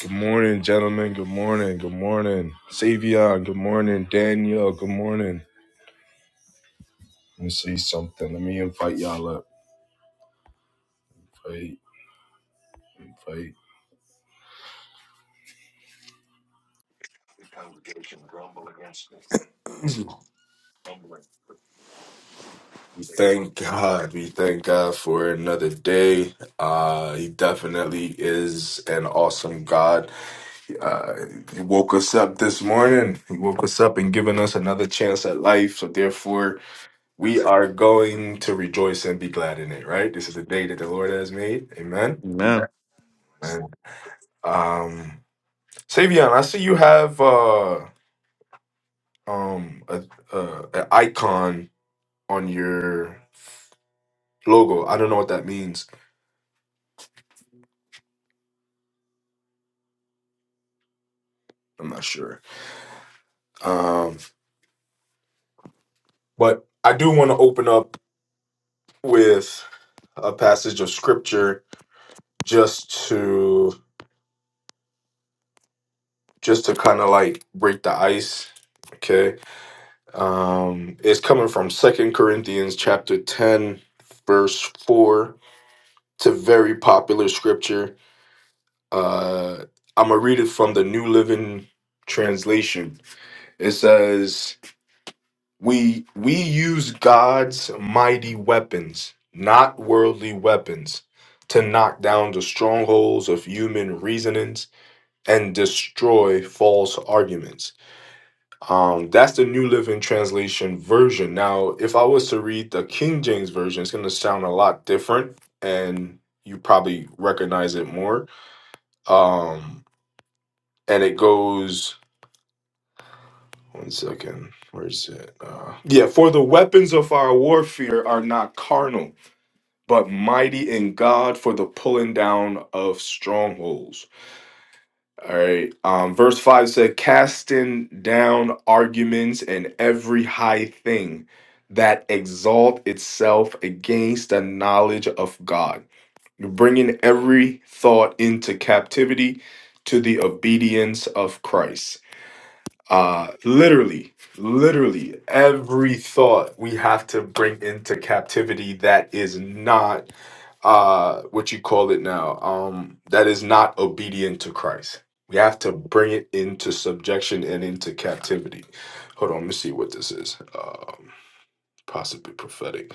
Good morning, gentlemen. Good morning. Good morning. Savion. Good morning. Daniel. Good morning. Let me see something. Let me invite y'all up. Invite, invite. We thank God. We thank God for another day. Uh, he definitely is an awesome God. Uh, he woke us up this morning. He woke us up and given us another chance at life. So therefore, we are going to rejoice and be glad in it. Right? This is the day that the Lord has made. Amen. Amen. Um, Savion, I see you have uh, um, a, a, an icon on your logo. I don't know what that means. I'm not sure. Um, but I do want to open up with a passage of scripture just to just to kind of like break the ice. Okay, um, it's coming from Second Corinthians chapter ten, verse four. It's a very popular scripture Uh, I'm gonna read it from the New Living Translation. It says, "We we use God's mighty weapons, not worldly weapons, to knock down the strongholds of human reasonings and destroy false arguments." Um, that's the New Living Translation version. Now, if I was to read the King James version, it's gonna sound a lot different, and you probably recognize it more. Um, and it goes One second. Where's it? Uh, yeah, for the weapons of our warfare are not carnal, but mighty in God for the pulling down of strongholds. All right. Um, verse 5 said, casting down arguments and every high thing that exalt itself against the knowledge of God, bringing every thought into captivity to the obedience of Christ uh literally literally every thought we have to bring into captivity that is not uh what you call it now um that is not obedient to christ we have to bring it into subjection and into captivity hold on let me see what this is um possibly prophetic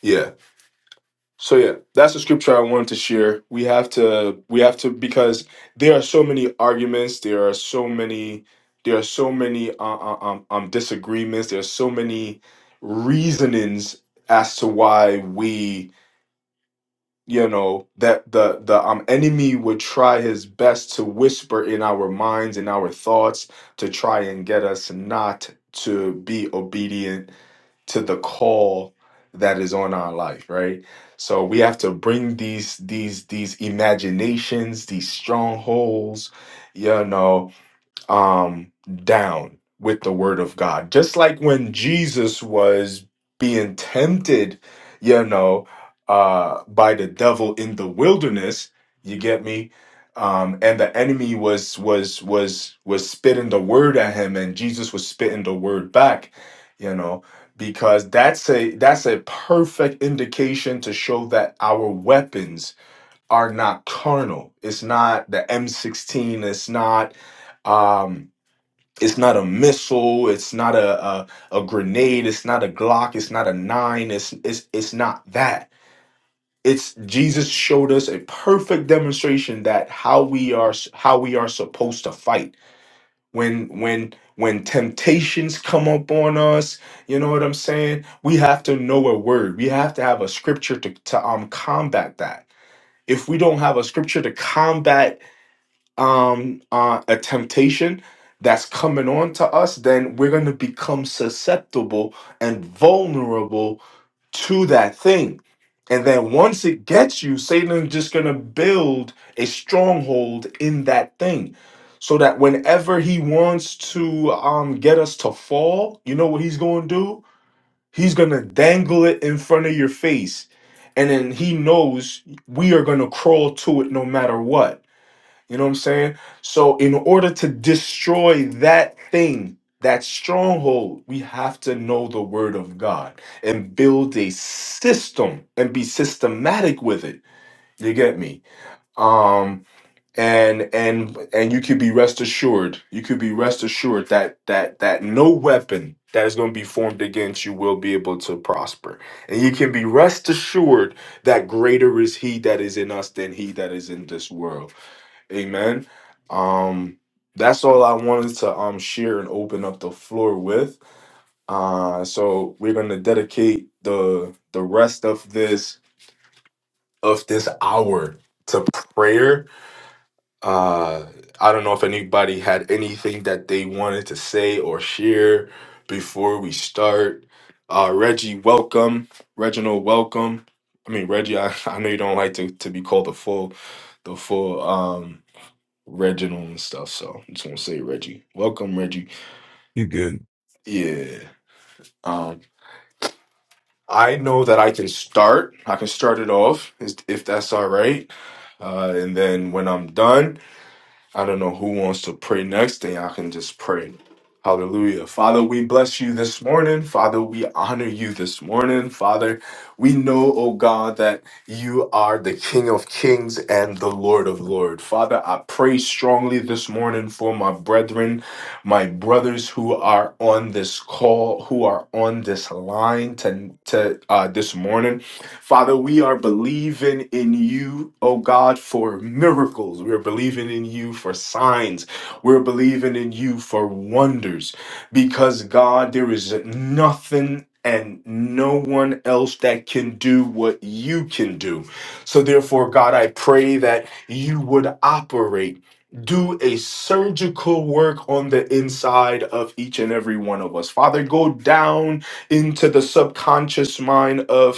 Yeah, so yeah, that's the scripture I wanted to share. We have to we have to because there are so many arguments, there are so many there are so many uh, uh, um, um disagreements, there are so many reasonings as to why we you know that the the um enemy would try his best to whisper in our minds and our thoughts to try and get us not to be obedient to the call that is on our life right so we have to bring these these these imaginations these strongholds you know um, down with the word of God. Just like when Jesus was being tempted, you know, uh, by the devil in the wilderness, you get me? Um, and the enemy was was was was spitting the word at him, and Jesus was spitting the word back, you know, because that's a that's a perfect indication to show that our weapons are not carnal. It's not the M16, it's not um it's not a missile. It's not a, a a grenade. It's not a Glock. It's not a nine. It's it's it's not that. It's Jesus showed us a perfect demonstration that how we are how we are supposed to fight when when when temptations come up on us. You know what I'm saying? We have to know a word. We have to have a scripture to to um combat that. If we don't have a scripture to combat um uh, a temptation that's coming on to us then we're going to become susceptible and vulnerable to that thing and then once it gets you Satan's just going to build a stronghold in that thing so that whenever he wants to um get us to fall you know what he's going to do he's going to dangle it in front of your face and then he knows we are going to crawl to it no matter what you know what I'm saying? So, in order to destroy that thing, that stronghold, we have to know the word of God and build a system and be systematic with it. You get me? Um and and and you could be rest assured, you could be rest assured that that that no weapon that is going to be formed against you will be able to prosper. And you can be rest assured that greater is he that is in us than he that is in this world. Amen. Um, that's all I wanted to um share and open up the floor with. Uh, so we're gonna dedicate the the rest of this of this hour to prayer. Uh, I don't know if anybody had anything that they wanted to say or share before we start. Uh, Reggie, welcome. Reginald, welcome. I mean, Reggie, I, I know you don't like to, to be called the full the full um Reginald and stuff. So I just want to say Reggie. Welcome, Reggie. You good. Yeah. Um, I know that I can start. I can start it off is- if that's all right. Uh, and then when I'm done, I don't know who wants to pray next thing. I can just pray. Hallelujah. Father, we bless you this morning. Father, we honor you this morning. Father, we know, oh God, that you are the King of Kings and the Lord of Lords. Father, I pray strongly this morning for my brethren, my brothers who are on this call, who are on this line to, to uh, this morning. Father, we are believing in you, oh God, for miracles. We're believing in you for signs. We're believing in you for wonders. Because, God, there is nothing and no one else that can do what you can do. So, therefore, God, I pray that you would operate. Do a surgical work on the inside of each and every one of us. Father, go down into the subconscious mind of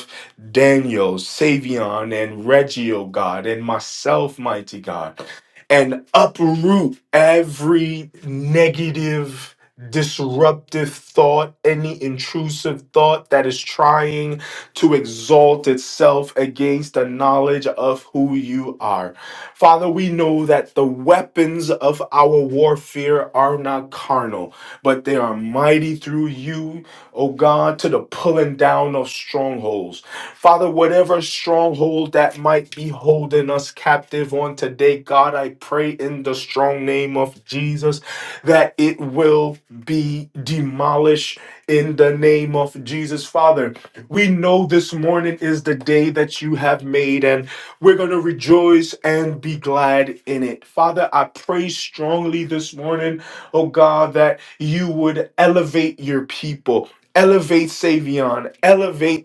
Daniel, Savion, and Reggie, oh God, and myself, mighty God, and uproot every negative, disruptive thought, any intrusive thought that is trying to exalt itself against the knowledge of who you are. Father, we know that the weapons of our warfare are not carnal, but they are mighty through you, O God, to the pulling down of strongholds. Father, whatever stronghold that might be holding us captive on today, God, I pray in the strong name of Jesus that it will be demolished in the name of Jesus. Father, we know this morning is the day that you have made, and we're going to rejoice and be glad in it. Father, I pray strongly this morning, oh God, that you would elevate your people. Elevate Savion, elevate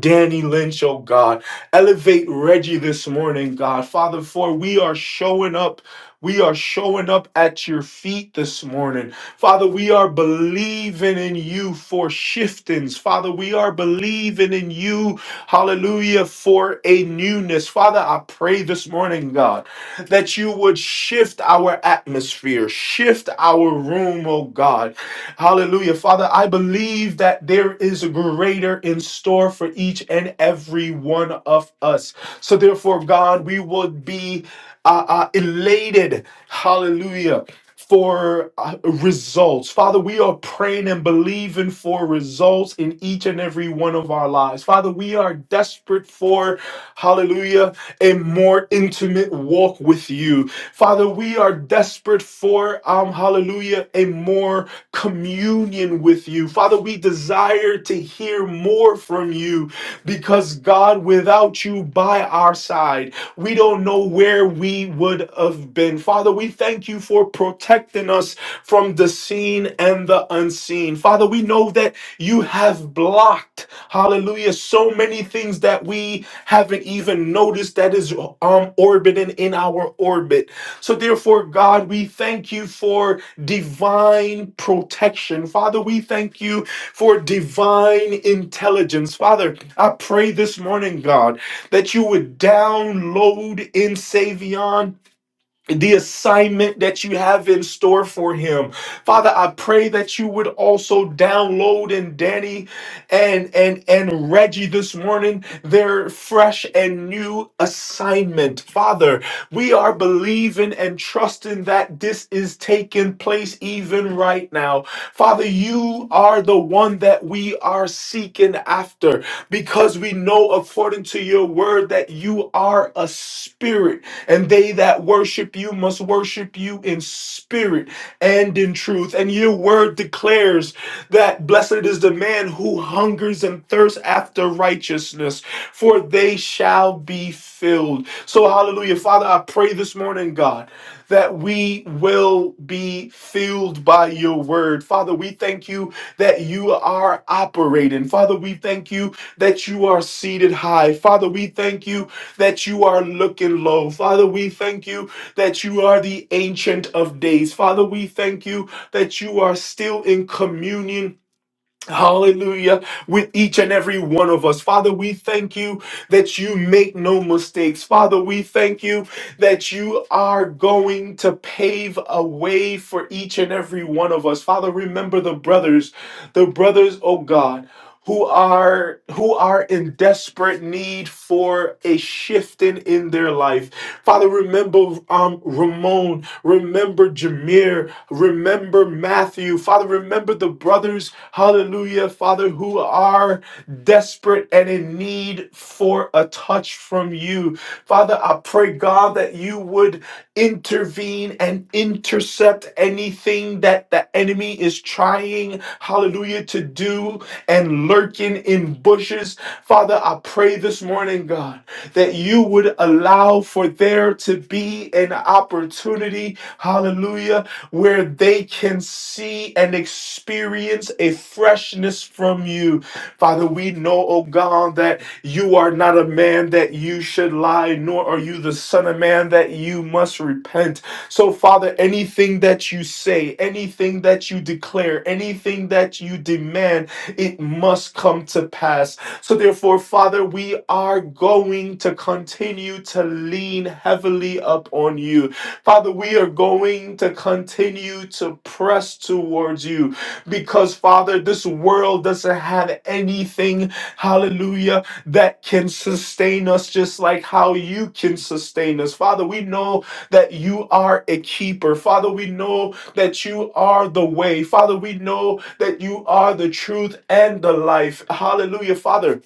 Danny Lynch, oh God. Elevate Reggie this morning, God. Father, for we are showing up. We are showing up at your feet this morning. Father, we are believing in you for shiftings. Father, we are believing in you, hallelujah, for a newness. Father, I pray this morning, God, that you would shift our atmosphere, shift our room, oh God. Hallelujah. Father, I believe that there is a greater in store for each and every one of us. So, therefore, God, we would be uh, uh, elated. Hallelujah. For uh, results. Father, we are praying and believing for results in each and every one of our lives. Father, we are desperate for, hallelujah, a more intimate walk with you. Father, we are desperate for, um, hallelujah, a more communion with you. Father, we desire to hear more from you because, God, without you by our side, we don't know where we would have been. Father, we thank you for protecting us from the seen and the unseen. Father, we know that you have blocked, hallelujah, so many things that we haven't even noticed that is um orbiting in our orbit. So therefore, God, we thank you for divine protection. Father, we thank you for divine intelligence. Father, I pray this morning, God, that you would download in Savion the assignment that you have in store for him. Father, I pray that you would also download in Danny and and and Reggie this morning their fresh and new assignment. Father, we are believing and trusting that this is taking place even right now. Father, you are the one that we are seeking after because we know according to your word that you are a spirit and they that worship you must worship you in spirit and in truth. And your word declares that blessed is the man who hungers and thirsts after righteousness, for they shall be filled. So, hallelujah. Father, I pray this morning, God, that we will be filled by your word. Father, we thank you that you are operating. Father, we thank you that you are seated high. Father, we thank you that you are looking low. Father, we thank you that you are the ancient of days. Father, we thank you that you are still in communion Hallelujah. With each and every one of us. Father, we thank you that you make no mistakes. Father, we thank you that you are going to pave a way for each and every one of us. Father, remember the brothers, the brothers, oh God, who are who are in desperate need for a shifting in their life. Father, remember um Ramon, remember Jameer, Remember Matthew. Father, remember the brothers, hallelujah, Father, who are desperate and in need for a touch from you. Father, I pray, God, that you would intervene and intercept anything that the enemy is trying, hallelujah, to do and lurking in bushes. Father, I pray this morning, God, that you would allow for there to be an opportunity, hallelujah where they can see and experience a freshness from you. Father, we know, oh God, that you are not a man that you should lie, nor are you the son of man that you must repent. So, Father, anything that you say, anything that you declare, anything that you demand, it must come to pass. So, therefore, Father, we are going to continue to lean heavily upon you. Father, we are going to continue to press towards you because, Father, this world doesn't have anything, hallelujah, that can sustain us just like how you can sustain us. Father, we know that you are a keeper. Father, we know that you are the way. Father, we know that you are the truth and the life. Hallelujah, Father.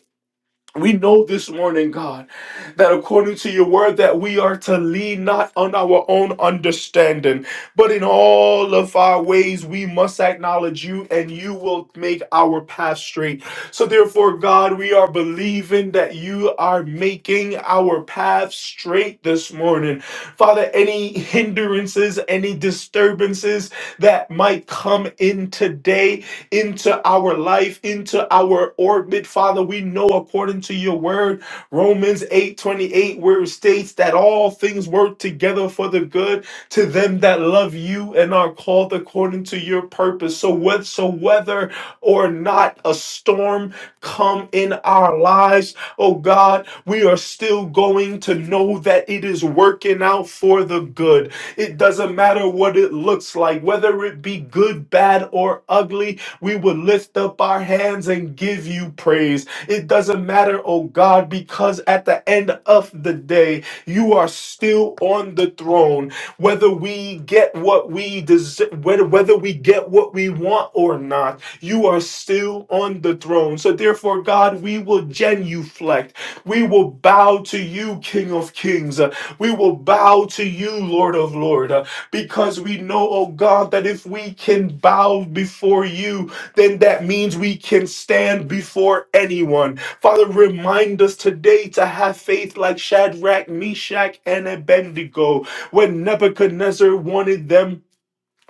We know this morning, God, that according to your word, that we are to lean not on our own understanding, but in all of our ways we must acknowledge you, and you will make our path straight. So therefore, God, we are believing that you are making our path straight this morning. Father, any hindrances, any disturbances that might come in today, into our life, into our orbit. Father, we know according to your word, Romans 8 28, where it states that all things work together for the good to them that love you and are called according to your purpose. So, whether, so whether or not a storm come in our lives, oh God, we are still going to know that it is working out for the good. It doesn't matter what it looks like, whether it be good, bad, or ugly we will lift up our hands and give you praise. It doesn't matter, oh God, because at the end of the day, you are still on the throne. Whether we get what we deserve, whether, whether we get what we want or not, you are still on the throne. So therefore, God, we will genuflect. We will bow to you, King of Kings. Uh, We will bow to you, Lord of Lord, uh, because we know, oh God, that if we can bow before you, then that means we can stand before anyone. Father, remind us today to have faith like Shadrach, Meshach, and Abednego when Nebuchadnezzar wanted them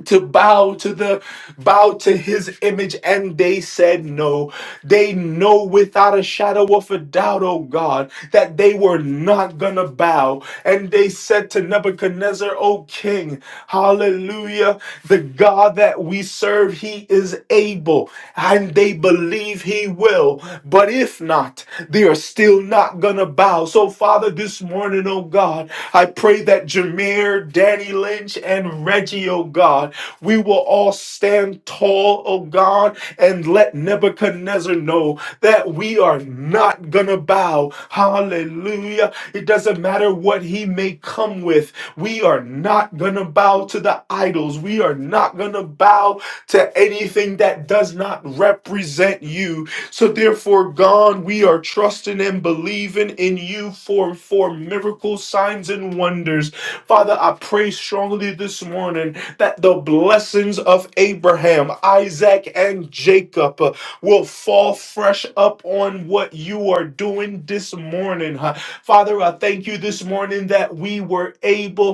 to bow to the bow to his image and they said no they know without a shadow of a doubt oh god that they were not gonna bow and they said to nebuchadnezzar O king hallelujah the god that we serve he is able and they believe he will but if not they are still not gonna going to bow. So, Father, this morning, oh God, I pray that Jameer, Danny Lynch, and Reggie, oh God, we will all stand tall, oh God, and let Nebuchadnezzar know that we are not going to bow. Hallelujah. It doesn't matter what he may come with. We are not going to bow to the idols. We are not going to bow to anything that does not represent you. So therefore, God, we are trusting and believing in you for, for miracles, signs, and wonders. Father, I pray strongly this morning that the blessings of Abraham, Isaac, and Jacob uh, will fall fresh up on what you are doing this morning. huh? Father, I thank you this morning that we were able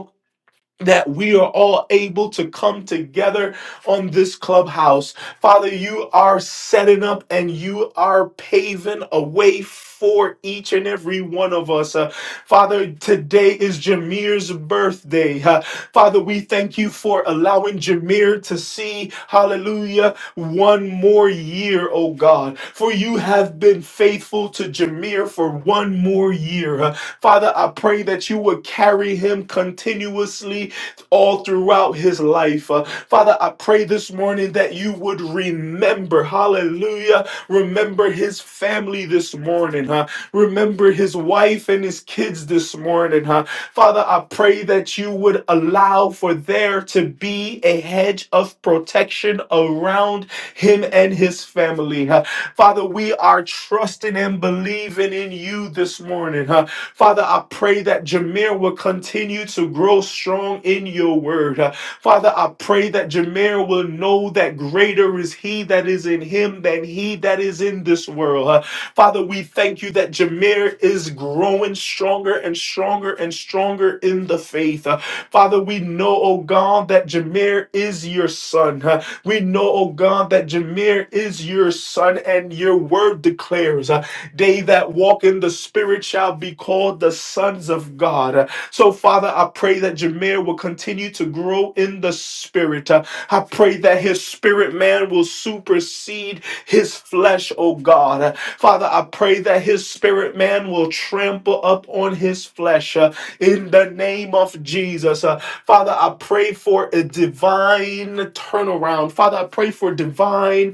that we are all able to come together on this clubhouse. Father, you are setting up and you are paving a way for each and every one of us. Uh, Father, today is Jameer's birthday. Uh, Father, we thank you for allowing Jameer to see, hallelujah, one more year, oh God. For you have been faithful to Jameer for one more year. Uh, Father, I pray that you would carry him continuously all throughout his life. Uh, Father, I pray this morning that you would remember, hallelujah, remember his family this morning, huh? Remember his wife and his kids this morning, huh? Father, I pray that you would allow for there to be a hedge of protection around him and his family. huh. Father, we are trusting and believing in you this morning. huh. Father, I pray that Jameer will continue to grow strong in your word. huh. Father, I pray that Jameer will know that greater is he that is in him than he that is in this world. huh. Father, we thank you that Jameer is growing stronger and stronger and stronger in the faith. Uh, Father, we know, oh God, that Jameer is your son. Uh, We know, oh God, that Jameer is your son, and your word declares, uh, They that walk in the Spirit shall be called the sons of God. Uh, so, Father, I pray that Jameer will continue to grow in the spirit. Uh, I pray that his spirit man will supersede his flesh, oh God. Uh, Father, I pray that his spirit man will trample up on his flesh uh, in the name of Jesus. Uh, Father, I pray for a divine turnaround. Father, I pray for divine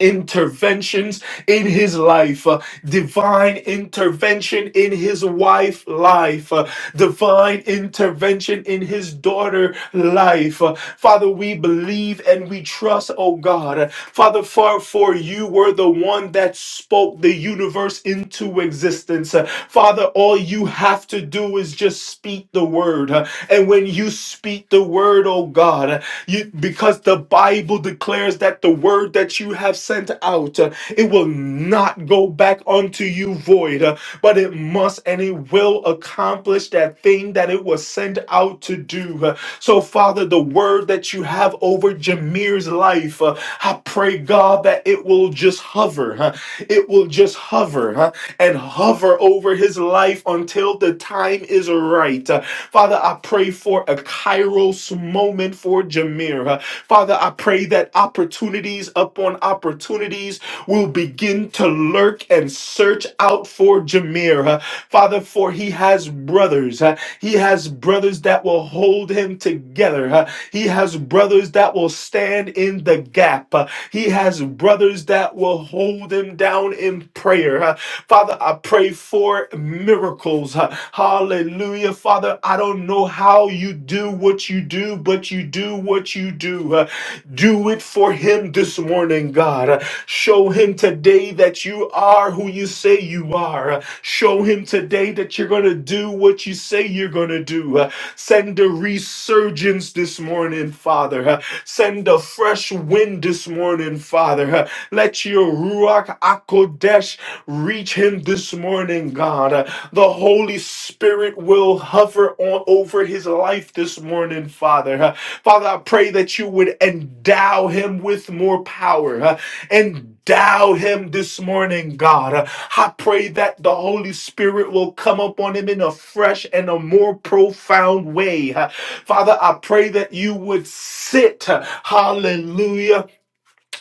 interventions in his life, uh, divine intervention in his wife life, uh, divine intervention in his daughter life. Uh, Father, we believe and we trust, oh God. Uh, Father, far for you were the one that spoke the universe into existence. Uh, Father, all you have to do is just speak the word. Uh, And when you speak the word, oh God, uh, you because the Bible declares that the word that you have sent out, uh, it will not go back unto you void, uh, but it must and it will accomplish that thing that it was sent out to do. Uh, So, Father, the word that you have over Jameer's life, uh, I pray, God, that it will just hover. huh? It will just hover huh? and hover over his life until the time is right. Uh, Father, I pray for for a kairos moment for Jameer. Uh, Father, I pray that opportunities upon opportunities will begin to lurk and search out for Jameer. Uh, Father, for he has brothers. Uh, He has brothers that will hold him together. Uh, He has brothers that will stand in the gap. Uh, He has brothers that will hold him down in prayer. Uh, Father, I pray for miracles miracles. Hallelujah. Father, I don't know how you do what you do, but you do what you do. Uh, Do it for him this morning, God. Uh, Show him today that you are who you say you are. Uh, Show him today that you're going to do what you say you're going to do. Uh, Send a resurgence this morning, Father. Uh, Send a fresh wind this morning, Father. Uh, Let your Ruach Akodesh Reach him this morning, God. Uh, The Holy Spirit will hover on over his life this morning, Father. Uh, Father, I pray that you would endow him with more power. Uh, Endow him this morning, God. Uh, I pray that the Holy Spirit will come upon him in a fresh and a more profound way. Uh, Father, I pray that you would sit, uh, hallelujah,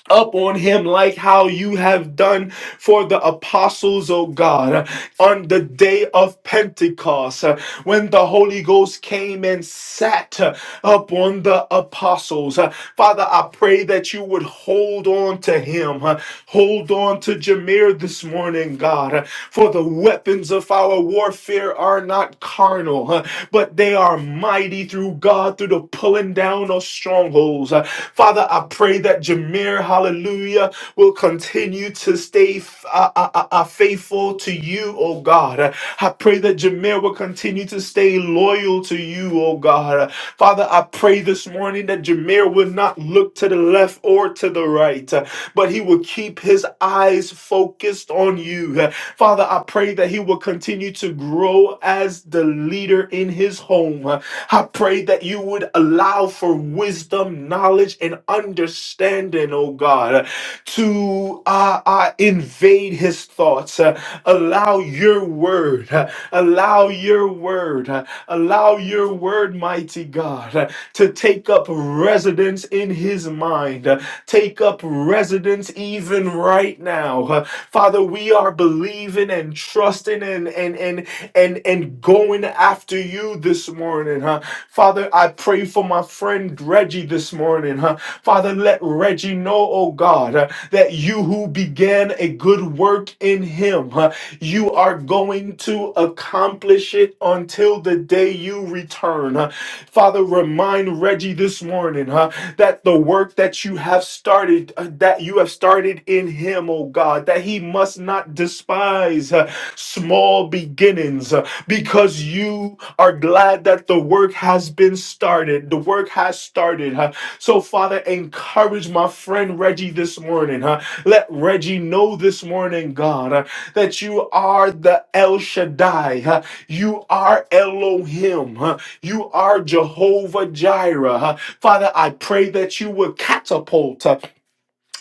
up on him like how you have done for the apostles, oh God, on the day of Pentecost uh, when the Holy Ghost came and sat uh, upon the apostles. Uh, Father, I pray that you would hold on to him, uh, hold on to Jameer this morning, God, uh, for the weapons of our warfare are not carnal, uh, but but they are mighty through God, through the pulling down of strongholds. Uh, Father, I pray that Jameer, hallelujah, will continue to stay f- uh, uh, uh, uh, faithful to you, oh God. Uh, I pray that Jameer will continue to stay loyal to you, oh God. Uh, Father, I pray this morning that Jameer will not look to the left or to the right, uh, but he will keep his eyes eyes focused on you. Father, I pray that he will continue to grow as the leader in his home. I pray that you would allow for wisdom, knowledge, and understanding, oh God, to uh, uh, invade his thoughts. Uh, allow your word, uh, allow your word, uh, allow your word, mighty God. uh, to take up residence in his mind, uh, take up residence even right now. Uh, Father, we are believing and trusting and and and and and going after you this morning, huh? Father, I pray for my friend Reggie this morning, huh? Father, let Reggie know, oh God, uh, that you who began a good work in him, huh, you are going to accomplish accomplish it until the day you return. huh? Father, remind Reggie this morning huh, that the work that you have started, uh, that you have started in him, oh God, that he must not despise uh, small beginnings uh, because you are glad that the work has been started. The work has started. huh? So, Father, encourage my friend Reggie this morning. huh? Let Reggie know this morning, God, uh, that you are the El Shaddai. huh? You are Elohim. huh? You are Jehovah Jireh. huh? Father, I pray that you would catapult. uh,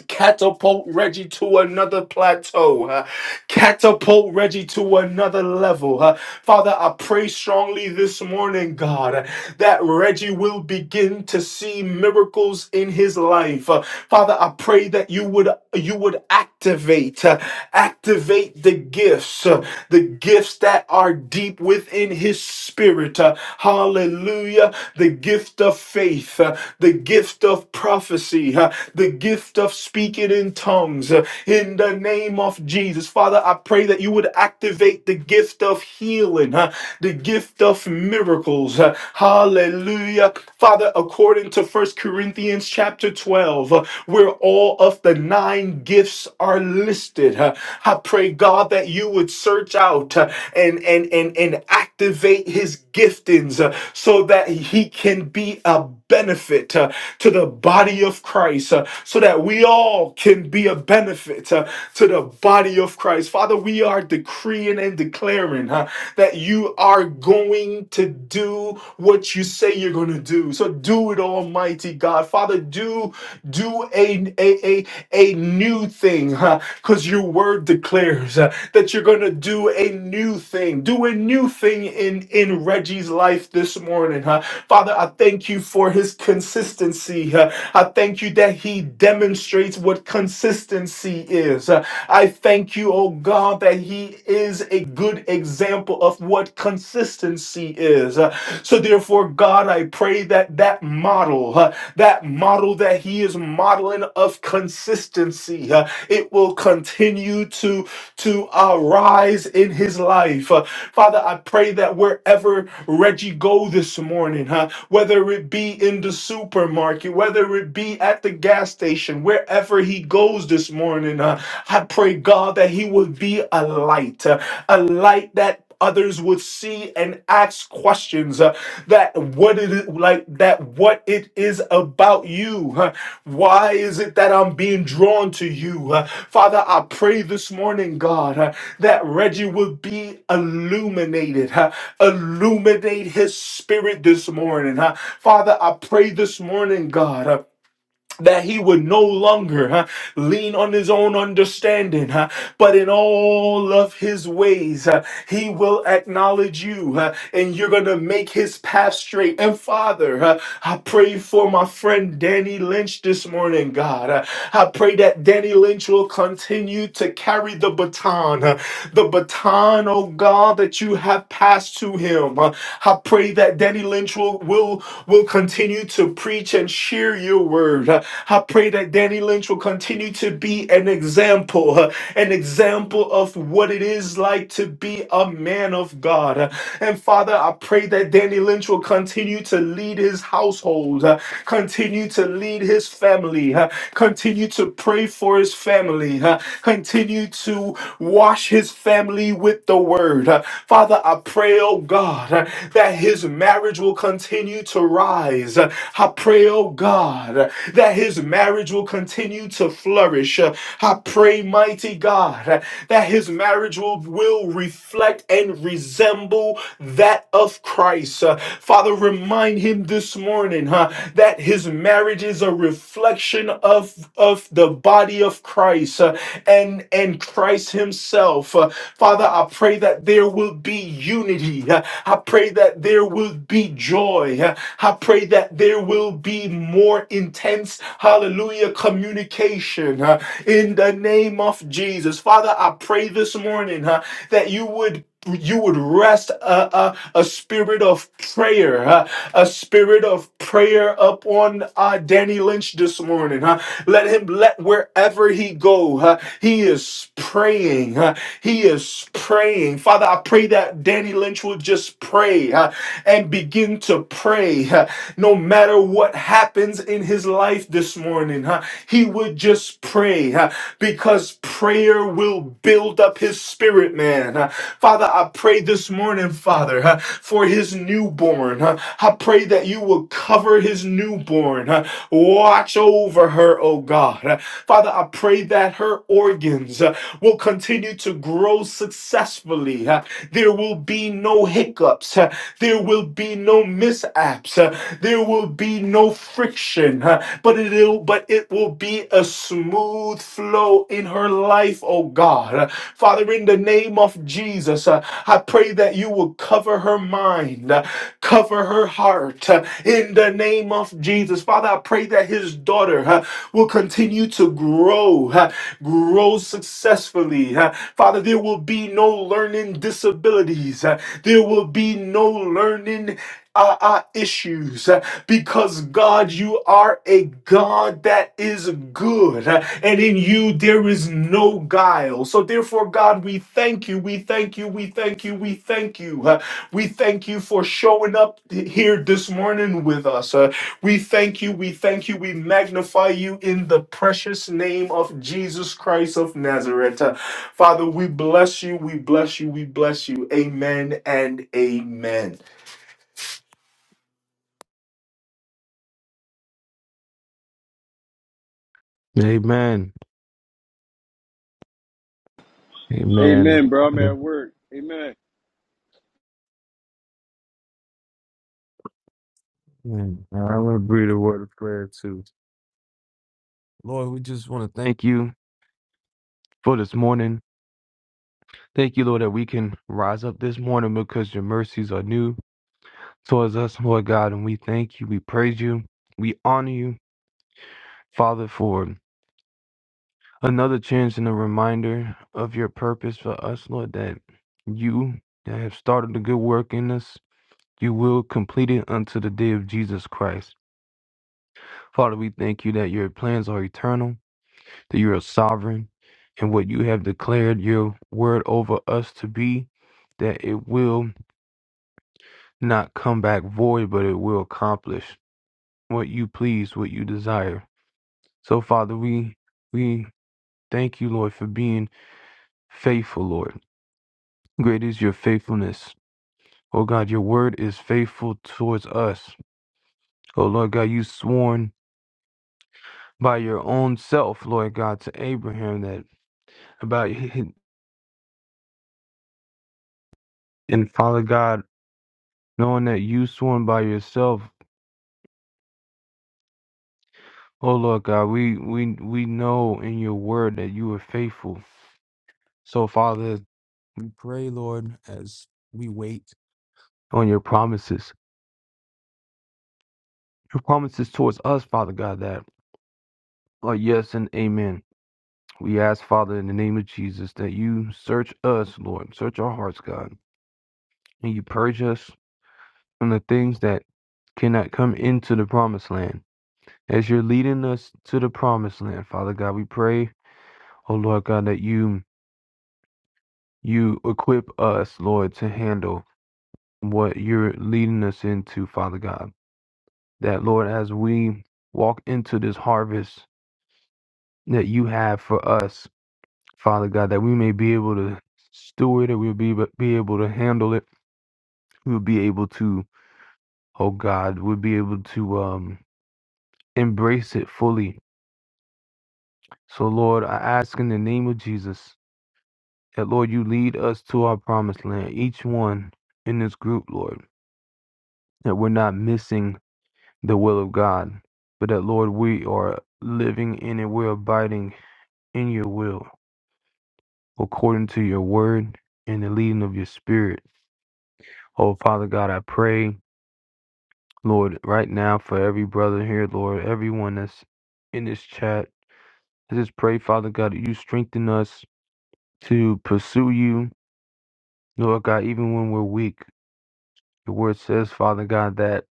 catapult Reggie to another plateau, huh? catapult Reggie to another level. huh? Father, I pray strongly this morning, God, uh, that Reggie will begin to see miracles in his life. Uh, Father, I pray that you would you would activate uh, activate the gifts, uh, the gifts that are deep within his spirit. uh, Hallelujah, the gift of faith, uh, the gift of prophecy, uh, the gift of speaking in tongues uh, in the name of Jesus. Father, I pray that you would activate the gift of healing, uh, the gift of miracles. uh, Hallelujah. Father, according to First Corinthians chapter 12, uh, where all of the nine gifts are listed, uh, I pray, God, that you would search out uh, and, and, and, and activate his giftings uh, so that he can be a benefit uh, to the body of Christ, uh, so that we all can be a benefit uh, to the body of Christ. Father, we are decreeing and declaring huh, that you are going to do what you say you're going to do. So do it, Almighty God. Father, do do a a a, a new thing, because your word declares uh, that you're going to do a new thing do a new thing in, in Reggie's life this morning, huh? Father, I thank you for his consistency. huh? I thank you that he demonstrates what consistency is. Uh, I thank you, oh God, that he is a good example of what consistency is. Uh, So therefore, God, I pray that that model, uh, that model that he is modeling of consistency, uh, it will continue to to arise in his life. Uh, Father, I pray that wherever Reggie go this morning, huh, whether it be in the supermarket, whether it be at the gas station, wherever he goes this morning, uh, I pray, God, that he would be a light, uh, a light that others would see and ask questions uh, that what it is like that what it is about you huh? why is it that i'm being drawn to you Uh, father i pray this morning god uh, that reggie would be illuminated huh? illuminate his spirit this morning huh? father i pray this morning god uh, that he would no longer huh, lean on his own understanding, huh, but in all of his ways, huh, he will acknowledge you, huh, and you're going to make his path straight. And Father, huh, I pray for my friend Danny Lynch this morning, God. Uh, I pray that Danny Lynch will continue to carry the baton, uh, the baton, oh God, that you have have passed to him. Uh, I pray that Danny Lynch will, will, will continue to preach and share your word. Uh, I pray that Danny Lynch will continue to be an example, uh, an example of what it is like to be a man of God. Uh, And Father, I pray that Danny Lynch will continue to lead his household, uh, continue to lead his family, uh, Continue to pray for his family. huh? Continue to wash his family with the word. huh? Father, I pray, oh God, huh, that his marriage will continue to rise. huh? I pray, oh God, huh, that his marriage will continue to flourish. huh? I pray, mighty God, huh, that his marriage will, will reflect and resemble that that of Christ. Uh, Father, remind him this morning huh, that his marriage is a reflection of, of the body of Christ uh, and, and Christ himself. Uh, Father, I pray that there will be unity. Uh, I pray that there will be joy. Uh, I pray that there will be more intense, hallelujah, communication uh, in the name of Jesus. Father, I pray this morning huh, that you would you would rest uh, uh, a spirit of prayer, uh, a spirit of prayer upon uh, Danny Lynch this morning. huh? Let him let wherever he go, huh, he is praying. huh? He is praying. Father, I pray that Danny Lynch will just pray huh, and begin to pray. huh, No matter what happens in his life this morning, huh, he would just pray. huh? because prayer will build up his spirit, man. Uh, Father, I pray this morning, Father, uh, for his newborn. uh, I pray that you will cover his newborn. uh, Watch over her, oh God. Uh, Father, I pray that her organs uh, will continue to grow successfully successfully. huh? There will be no hiccups. huh? There will be no mishaps. huh? There will be no friction. huh? But it'll but it will be a smooth flow in her life, oh God. Uh, Father, in the name of Jesus, uh, I pray that you will cover her mind, uh, cover her heart uh, in the name of Jesus. Father, I pray that his daughter uh, will continue to grow. huh? grow successfully. huh? Father, there will be no learning disabilities, huh? there will be no learning. Uh, uh, issues huh? because God, you are a God that is good, huh? and in you there is no guile. So, therefore, God, we thank you, we thank you, we thank you, we thank you. huh? We thank you for showing up here this morning with us. Uh, we thank you, we thank you, we magnify you in the precious name of Jesus Christ of Nazareth. Uh, Father, we bless you, we bless you, we bless you. Amen and amen. Amen. Amen. Amen, bro. I'm at work. Amen. Amen. I want to breathe a word of prayer too. Lord, we just want to thank you for this morning. Thank you, Lord, that we can rise up this morning because your mercies are new towards us, Lord God. And we thank you. We praise you. We honor you, Father, for another chance and a reminder of your purpose for us, Lord, that you that have started the good work in us, you will complete it unto the day of Jesus Christ. Father, we thank you that your plans are eternal, that you are sovereign, and what you have declared your word over us to be, that it will not come back void, but it will accomplish what you please, what you desire. So, Father, we we thank you, Lord, for being faithful, Lord. Great is your faithfulness. Oh God, your word is faithful towards us. Oh Lord God, you sworn by your own self, Lord God, to Abraham that about and Father God knowing that you sworn by yourself, oh Lord God, we we we know in your word that you are faithful. So Father, We pray, Lord, as we wait. on your promises, your promises towards us, Father God, that are yes and amen. We ask, Father, in the name of Jesus, that you search us, Lord, search our hearts, God, and you purge us from the things that cannot come into the promised land. As you're leading us to the promised land, Father God, we pray, oh Lord God, that you you equip us, Lord, to handle what you're leading us into, Father God. That, Lord, as we walk into this harvest that you have for us, Father God, that we may be able to steward it, we'll be, be able to handle it, we'll be able to, oh God, we'll be able to um, embrace it fully. So, Lord, I ask in the name of Jesus that, Lord, you lead us to our promised land, each one in this group, Lord, that we're not missing. the will of God, but that, Lord, we are living in and we're abiding in your will according to your word and the leading of your spirit. Oh, Father God, I pray, Lord, right now for every brother here, Lord, everyone that's in this chat. I just pray, Father God, that you strengthen us to pursue you, Lord God, even when we're weak. Your word says, Father God, that,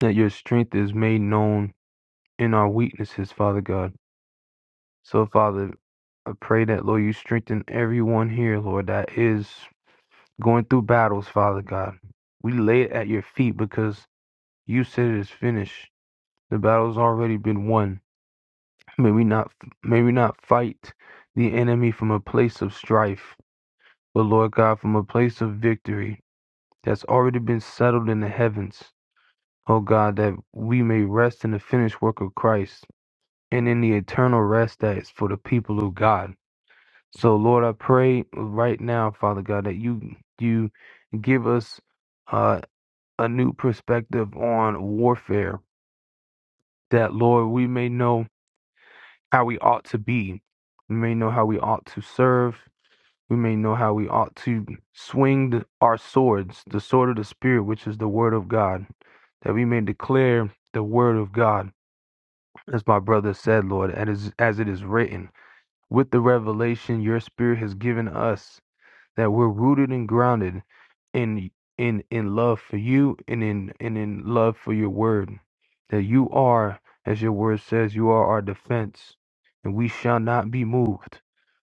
that your strength is made known in our weaknesses, Father God. So, Father, I pray that, Lord, you strengthen everyone here, Lord, that is going through battles, Father God. We lay it at your feet because you said it is finished. The battle's already been won. May we not may we not fight the enemy from a place of strife, but Lord God, from a place of victory that's already been settled in the heavens. Oh God, that we may rest in the finished work of Christ and in the eternal rest that is for the people of God. So, Lord, I pray right now, Father God, that you you give us uh, a new perspective on warfare. That, Lord, we may know how we ought to be. We may know how we ought to serve. We may know how we ought to swing the, our swords, the sword of the Spirit, which is the Word of God. That we may declare the Word of God, as my brother said, Lord, and as, as it is written. With the revelation your Spirit has given us, that we're rooted and grounded in in in love for you and in and in love for your word that you are as your word says you are our defense and we shall not be moved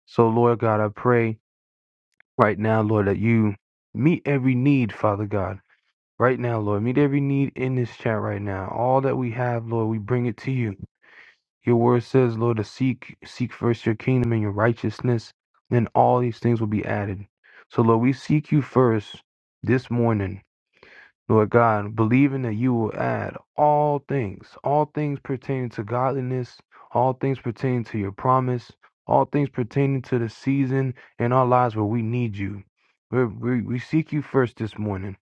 so lord god i pray right now lord that you meet every need father god right now lord meet every need in this chat right now all that we have lord we bring it to you your word says, Lord, to seek, seek first your kingdom and your righteousness, then all these things will be added. So, Lord, we seek you first this morning, Lord God, believing that you will add all things, all things pertaining to godliness, all things pertaining to your promise, all things pertaining to the season in our lives where we need you. We're, we, we seek you first this morning,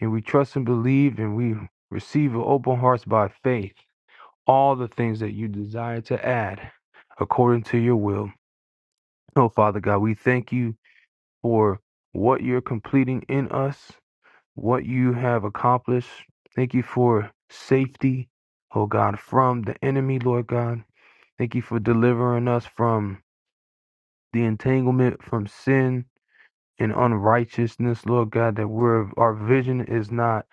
and we trust and believe, and we receive with open hearts by faith all the things that you desire to add according to your will. Oh, Father God, we thank you for what you're completing in us, what you have accomplished. Thank you for safety, oh God, from the enemy, Lord God. Thank you for delivering us from the entanglement from sin and unrighteousness, Lord God, that we're, our vision is not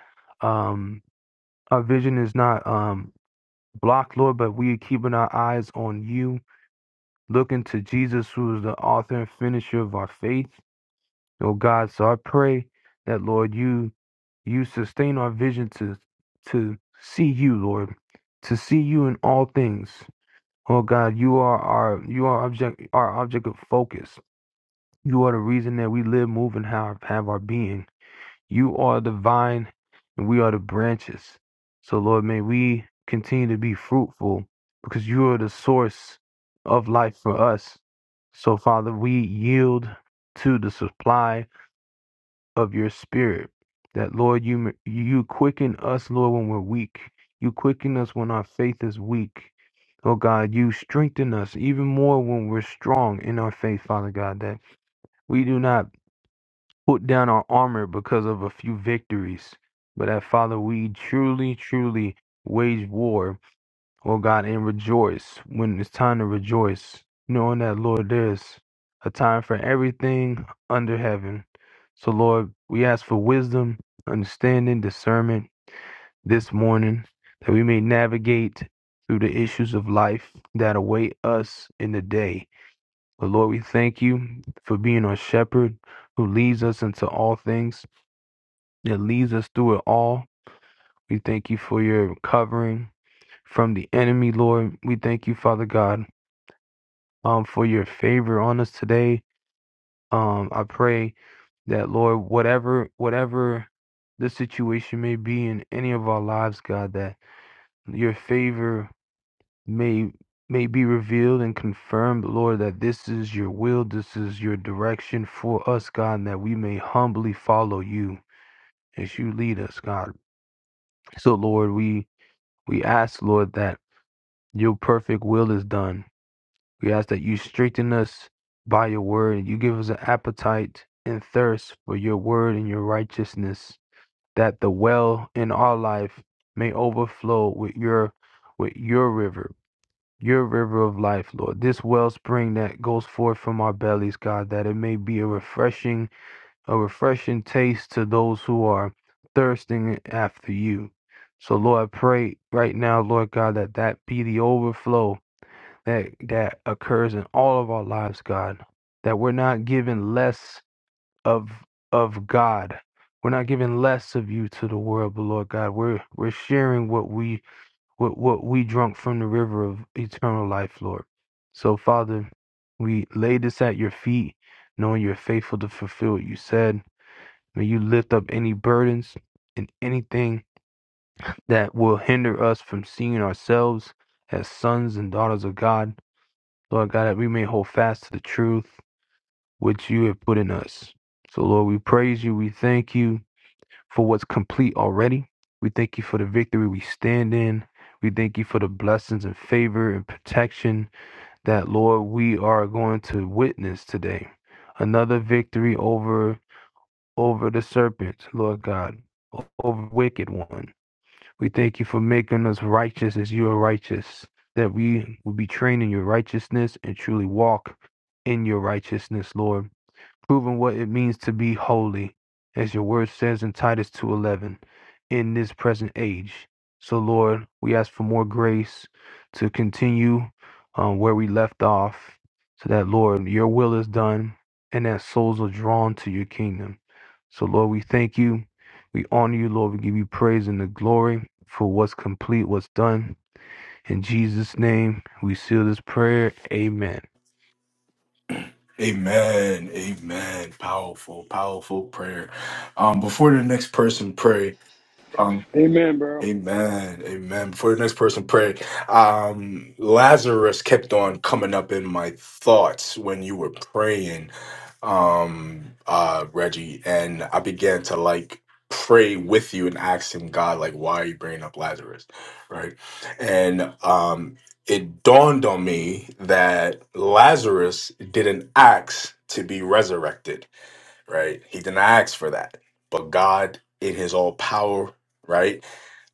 um our vision is not um blocked, Lord, but we are keeping our eyes on you looking to Jesus, who is the author and finisher of our faith, oh God. So I pray that, Lord, you you sustain our vision to to see you, Lord, to see you in all things. Oh God, you are our you are object our object of focus. You are the reason that we live, move, and have, have our being. You are the vine and we are the branches. So, Lord, may we continue to be fruitful because you are the source of life for us. So, Father, we yield to the supply of your spirit. That, Lord, you, you quicken us, Lord, when we're weak. You quicken us when our faith is weak. Oh God, you strengthen us even more when we're strong in our faith, Father God, that we do not put down our armor because of a few victories, but that, Father, we truly, truly wage war, O God, and rejoice when it's time to rejoice, knowing that, Lord, there's a time for everything under heaven. So, Lord, we ask for wisdom, understanding, discernment this morning that we may navigate through the issues of life that await us in the day. But Lord, we thank you for being our shepherd who leads us into all things that leads us through it all. We thank you for your covering from the enemy, Lord. We thank you, Father God, um, for your favor on us today. Um, I pray that, Lord, whatever whatever the situation may be in any of our lives, God, that your favor may may be revealed and confirmed, Lord, that this is your will, this is your direction for us, God, and that we may humbly follow you as you lead us, God. So, Lord, we We ask, Lord, that your perfect will is done. We ask that you strengthen us by your word and you give us an appetite and thirst for your word and your righteousness, that the well in our life may overflow with your with your river, your river of life, Lord. This wellspring that goes forth from our bellies, God, that it may be a refreshing a refreshing taste to those who are thirsting after you. So Lord, I pray right now, Lord God, that that be the overflow that that occurs in all of our lives, God. That we're not given less of of God. We're not giving less of you to the world, but Lord God, we're we're sharing what we what what we drunk from the river of eternal life, Lord. So Father, we lay this at your feet, knowing you're faithful to fulfill what you said. May you lift up any burdens and anything that will hinder us from seeing ourselves as sons and daughters of God. Lord God, that we may hold fast to the truth which you have put in us. So, Lord, we praise you. We thank you for what's complete already. We thank you for the victory we stand in. We thank you for the blessings and favor and protection that, Lord, we are going to witness today. Another victory over over the serpents, Lord God, over the wicked one. We thank you for making us righteous as you are righteous, that we will be trained in your righteousness and truly walk in your righteousness, Lord proving what it means to be holy, as your word says in Titus 2:11, in this present age. So Lord, we ask for more grace to continue um, where we left off, so that Lord, your will is done and that souls are drawn to your kingdom. So Lord, we thank you. We honor you, Lord. We give you praise and the glory for what's complete, what's done. In Jesus' name, we seal this prayer. Amen. Amen. Amen. Powerful, powerful prayer. Um, before the next person pray, um, Amen, bro. Amen. Amen. Before the next person pray, um, Lazarus kept on coming up in my thoughts when you were praying um uh Reggie and I began to like pray with you and ask him God like why are you bringing up Lazarus right and um it dawned on me that Lazarus didn't ask to be resurrected right he didn't ask for that but God in his all power right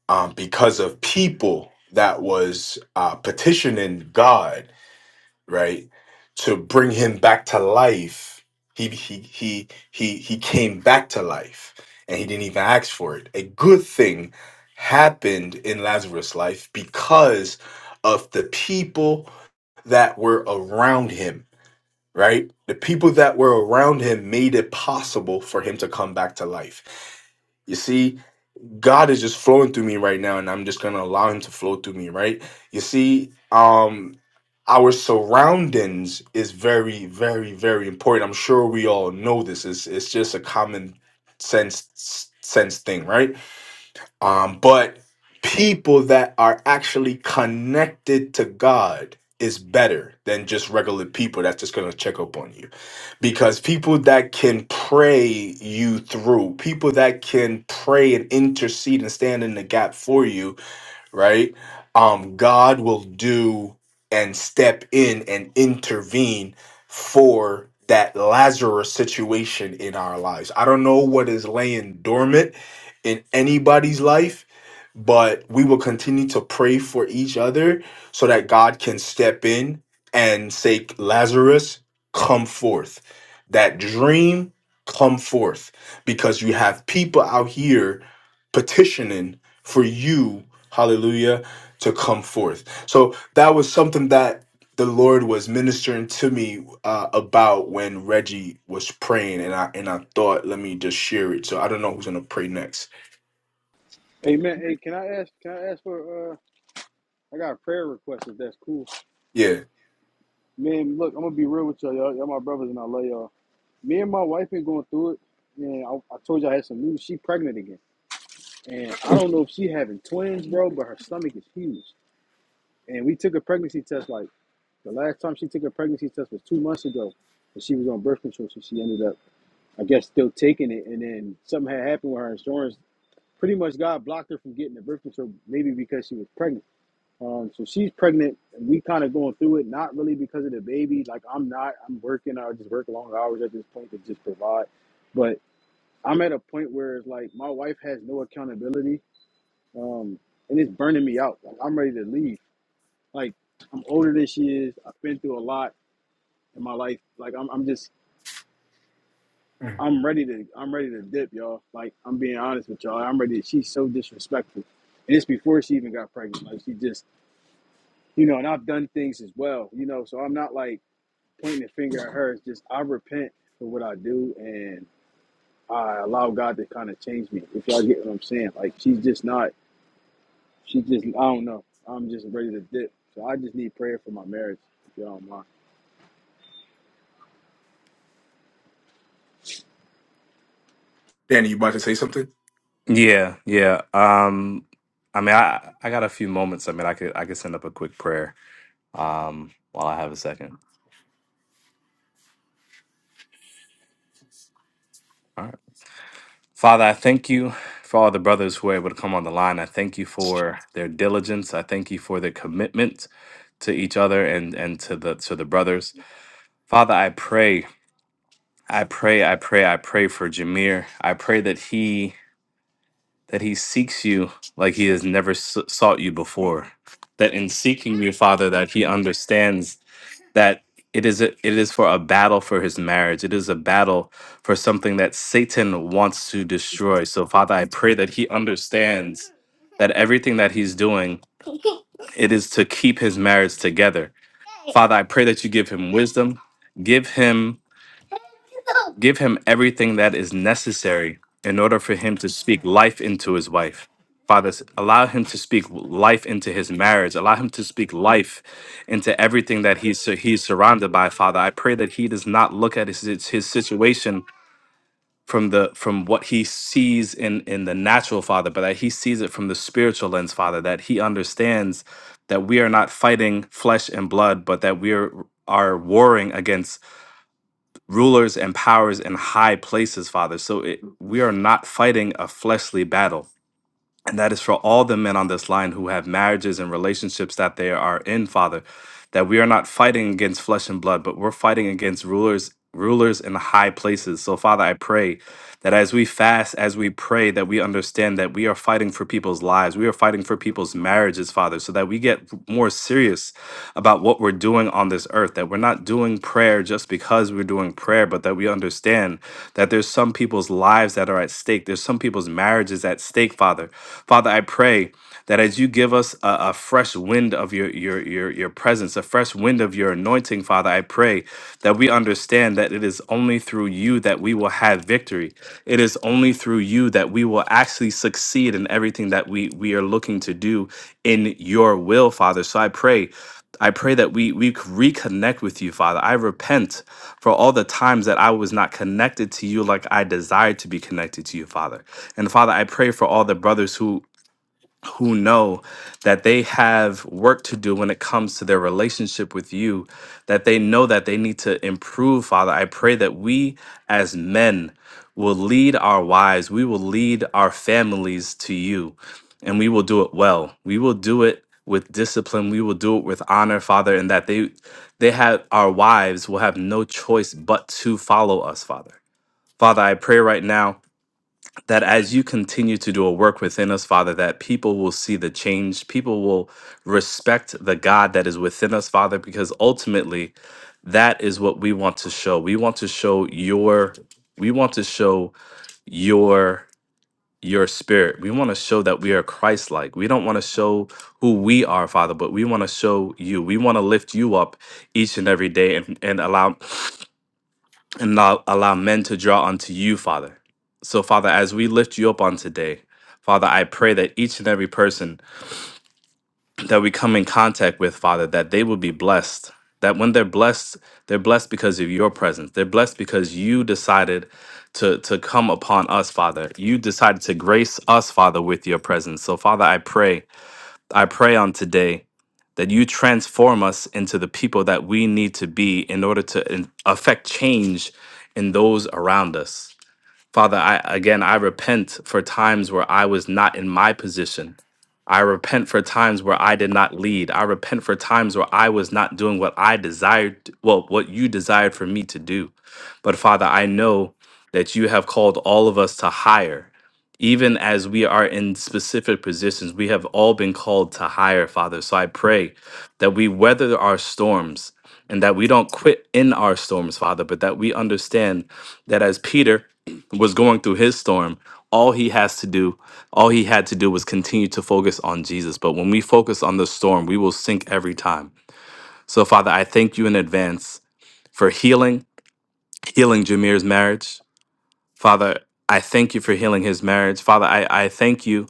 um because of people that was uh petitioning God right? To bring him back to life. He he he he he came back to life and he didn't even ask for it. A good thing happened in Lazarus' life because of the people that were around him, right? The people that were around him made it possible for him to come back to life. You see, God is just flowing through me right now, and I'm just gonna allow Him to flow through me, right? You see, um, our surroundings is very, very, very important. I'm sure we all know this. It's it's just a common sense sense thing, right? Um, but people that are actually connected to God is better than just regular people that's just gonna check up on you because people that can pray you through, people that can pray and intercede and stand in the gap for you, right? Um, God will do and step in and intervene for that Lazarus situation in our lives. I don't know what is laying dormant in anybody's life, but we will continue to pray for each other so that God can step in and say, Lazarus, come forth. That dream, come forth. Because you have people out here petitioning for you, hallelujah, to come forth. So that was something that the Lord was ministering to me uh, about when Reggie was praying, and I and I thought, let me just share it. So I don't know who's gonna pray next. Amen. Hey, can I ask? Can I ask for? uh I got a prayer request. If that's cool, Yeah, man. Look, I'm gonna be real with y'all. Y'all, y'all my brothers, and I love y'all. Me and my wife been going through it, and I, I told you I had some news. She pregnant again, and I don't know if she having twins, bro. But her stomach is huge, and we took a pregnancy test. Like the last time she took a pregnancy test was two months ago, and she was on birth control, so she ended up, I guess, still taking it. And then something had happened with her insurance pretty much God blocked her from getting the birth control, maybe because she was pregnant. Um, so she's pregnant, and we kind of going through it, not really because of the baby. Like I'm not, I'm working. I just work long hours at this point to just provide. But I'm at a point where it's like my wife has no accountability, um, and it's burning me out. Like I'm ready to leave. Like I'm older than she is. I've been through a lot in my life. Like I'm, I'm just Mhm. I'm ready to I'm ready to dip, y'all. Like I'm being honest with y'all. I'm ready. to, She's so disrespectful. And it's before she even got pregnant. Like she just you know, and I've done things as well, you know, so I'm not like pointing a finger at her. It's just I repent for what I do and I allow God to kind of change me. If y'all get what I'm saying. Like she's just not she's just I don't know. I'm just ready to dip. So I just need prayer for my marriage, if y'all don't mind. Danny, you about to say something? Yeah, yeah. Um, I mean, I I got a few moments. I mean, I could I could send up a quick prayer. Um, while I have a second. All right, Father, I thank you for all the brothers who were able to come on the line. I thank you for their diligence. I thank you for their commitment to each other and and to the to the brothers. Father, I pray, I pray, I pray, I pray for Jameer. I pray that he that he seeks you like he has never s- sought you before. That in seeking you, Father, that he understands that it is a, it is for a battle for his marriage. It is a battle for something that Satan wants to destroy. So Father, I pray that he understands that everything that he's doing, it is to keep his marriage together. Father, I pray that you give him wisdom, give him Give him everything that is necessary in order for him to speak life into his wife. Father, s- allow him to speak life into his marriage. Allow him to speak life into everything that he's, sur- he's surrounded by, Father. I pray that he does not look at his, his his situation from the from what he sees in in the natural father but that he sees it from the spiritual lens father that he understands that we are not fighting flesh and blood but that we are are warring against rulers and powers in high places, Father. So it, we are not fighting a fleshly battle. And that is for all the men on this line who have marriages and relationships that they are in, Father, that we are not fighting against flesh and blood, but we're fighting against rulers rulers in high places. So Father, I pray that as we fast, as we pray, that we understand that we are fighting for people's lives. We are fighting for people's marriages, Father, so that we get more serious about what we're doing on this earth, that we're not doing prayer just because we're doing prayer, but that we understand that there's some people's lives that are at stake. There's some people's marriages at stake, Father. Father, I pray that as you give us a, a fresh wind of your, your your your presence, a fresh wind of your anointing, Father, I pray that we understand that it is only through you that we will have victory. It is only through you that we will actually succeed in everything that we we are looking to do in your will, Father. So I pray I pray that we we reconnect with you, Father. I repent for all the times that I was not connected to you like I desired to be connected to you, Father. And Father, I pray for all the brothers who who know that they have work to do when it comes to their relationship with you, that they know that they need to improve, Father. I pray that we as men will lead our wives, we will lead our families to you, and we will do it well. We will do it with discipline, we will do it with honor, Father, and that they they have our wives will have no choice but to follow us, Father. Father, I pray right now that as you continue to do a work within us, Father, that people will see the change. People will respect the God that is within us, Father, because ultimately that is what we want to show. We want to show your, we want to show your your spirit. We want to show that we are Christ like. We don't want to show who we are, Father, but we want to show you. We want to lift you up each and every day and, and allow and allow, allow men to draw unto you, Father. So, Father, as we lift you up on today, Father, I pray that each and every person that we come in contact with, Father, that they will be blessed. That when they're blessed, they're blessed because of your presence. They're blessed because you decided to, to come upon us, Father. You decided to grace us, Father, with your presence. So, Father, I pray I pray on today that you transform us into the people that we need to be in order to in- affect change in those around us. Father, I again I repent for times where I was not in my position. I repent for times where I did not lead. I repent for times where I was not doing what I desired, well, what you desired for me to do. But Father, I know that you have called all of us to higher. Even as we are in specific positions, we have all been called to higher, Father. So I pray that we weather our storms and that we don't quit in our storms, Father, but that we understand that as Peter was going through his storm, all he has to do, all he had to do was continue to focus on Jesus. But when we focus on the storm, we will sink every time. So, Father, I thank you in advance for healing, healing Jameer's marriage. Father, I thank you for healing his marriage. Father, I, I thank you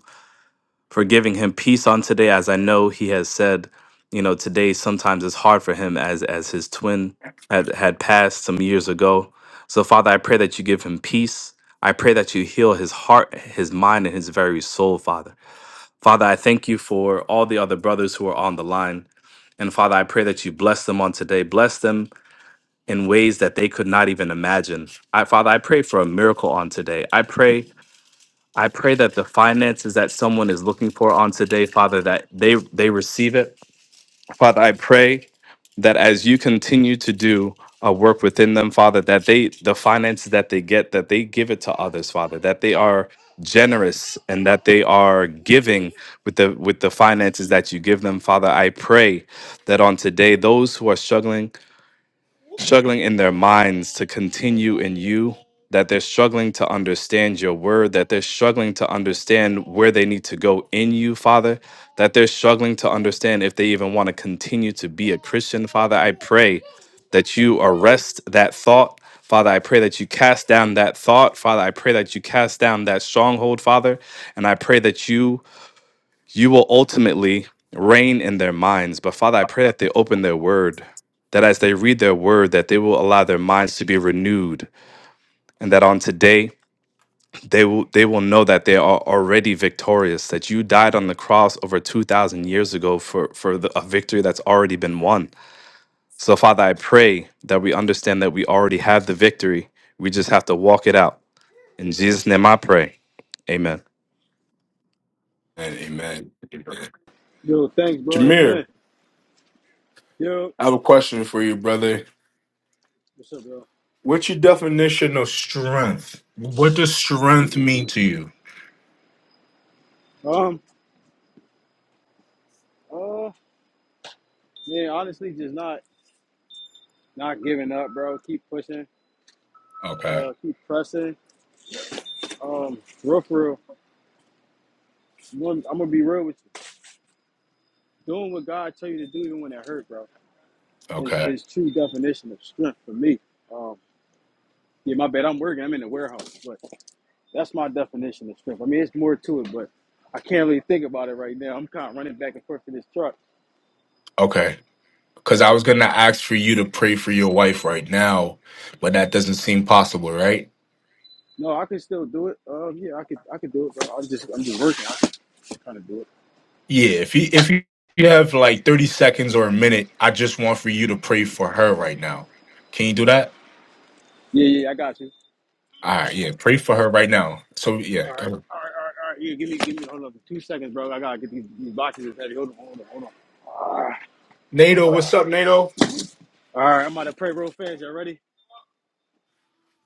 for giving him peace on today as i know he has said you know today sometimes it's hard for him as as his twin had, had passed some years ago so father i pray that you give him peace i pray that you heal his heart his mind and his very soul father father i thank you for all the other brothers who are on the line and father i pray that you bless them on today bless them in ways that they could not even imagine I, father i pray for a miracle on today i pray I pray that the finances that someone is looking for on today, Father, that they they receive it. Father, I pray that as you continue to do a work within them, Father, that they the finances that they get, that they give it to others, Father, that they are generous and that they are giving with the with the finances that you give them, Father. I pray that on today, those who are struggling struggling in their minds to continue in you, that they're struggling to understand your word, that they're struggling to understand where they need to go in you, Father, that they're struggling to understand if they even want to continue to be a Christian, Father. I pray that you arrest that thought. Father, I pray that you cast down that thought. Father, I pray that you cast down that stronghold, Father. And I pray that you you will ultimately reign in their minds. But Father, I pray that they open their word, that as they read their word, that they will allow their minds to be renewed, and that on today they will they will know that they are already victorious, that you died on the cross over two thousand years ago for for the, a victory that's already been won. So Father, I pray that we understand that we already have the victory. We just have to walk it out. In Jesus' name, I pray. Amen. And amen. amen. Yo, thanks, bro. Jameer, Amen. Yo, I have a question for you, brother. what's up, bro? What's your definition of strength? What does strength mean to you? Um, uh, man, honestly, just not. not giving up, bro. Keep pushing. Okay, Uh, keep pressing. Um, real for real. One, I'm gonna be real with you. Doing what God tell you to do, even when it hurt, bro, is okay, is true definition of strength for me. Um, yeah, my bad. I'm working. I'm in the warehouse, but that's my definition of strength. I mean, it's more to it, but I can't really think about it right now. I'm kind of running back and forth to this truck. okay. Because I was going to ask for you to pray for your wife right now, but that doesn't seem possible, right? No, I can still do it. Um, yeah, I could, I could do it, bro. I'm just, I'm just working. I can kind of do it. Yeah, if you if you you have like 30 seconds or a minute, I just want for you to pray for her right now. Can you do that? Yeah, yeah, yeah, I got you. All right, yeah, pray for her right now. So yeah, All right, go ahead. all right, all right, all right. Yeah, give me, give me, hold on, two seconds, bro. I gotta get these, these boxes is heavy. Hold on, hold on, hold on. All right, NATO, what's up, NATO? all right. I'm about to pray real fast. Y'all ready?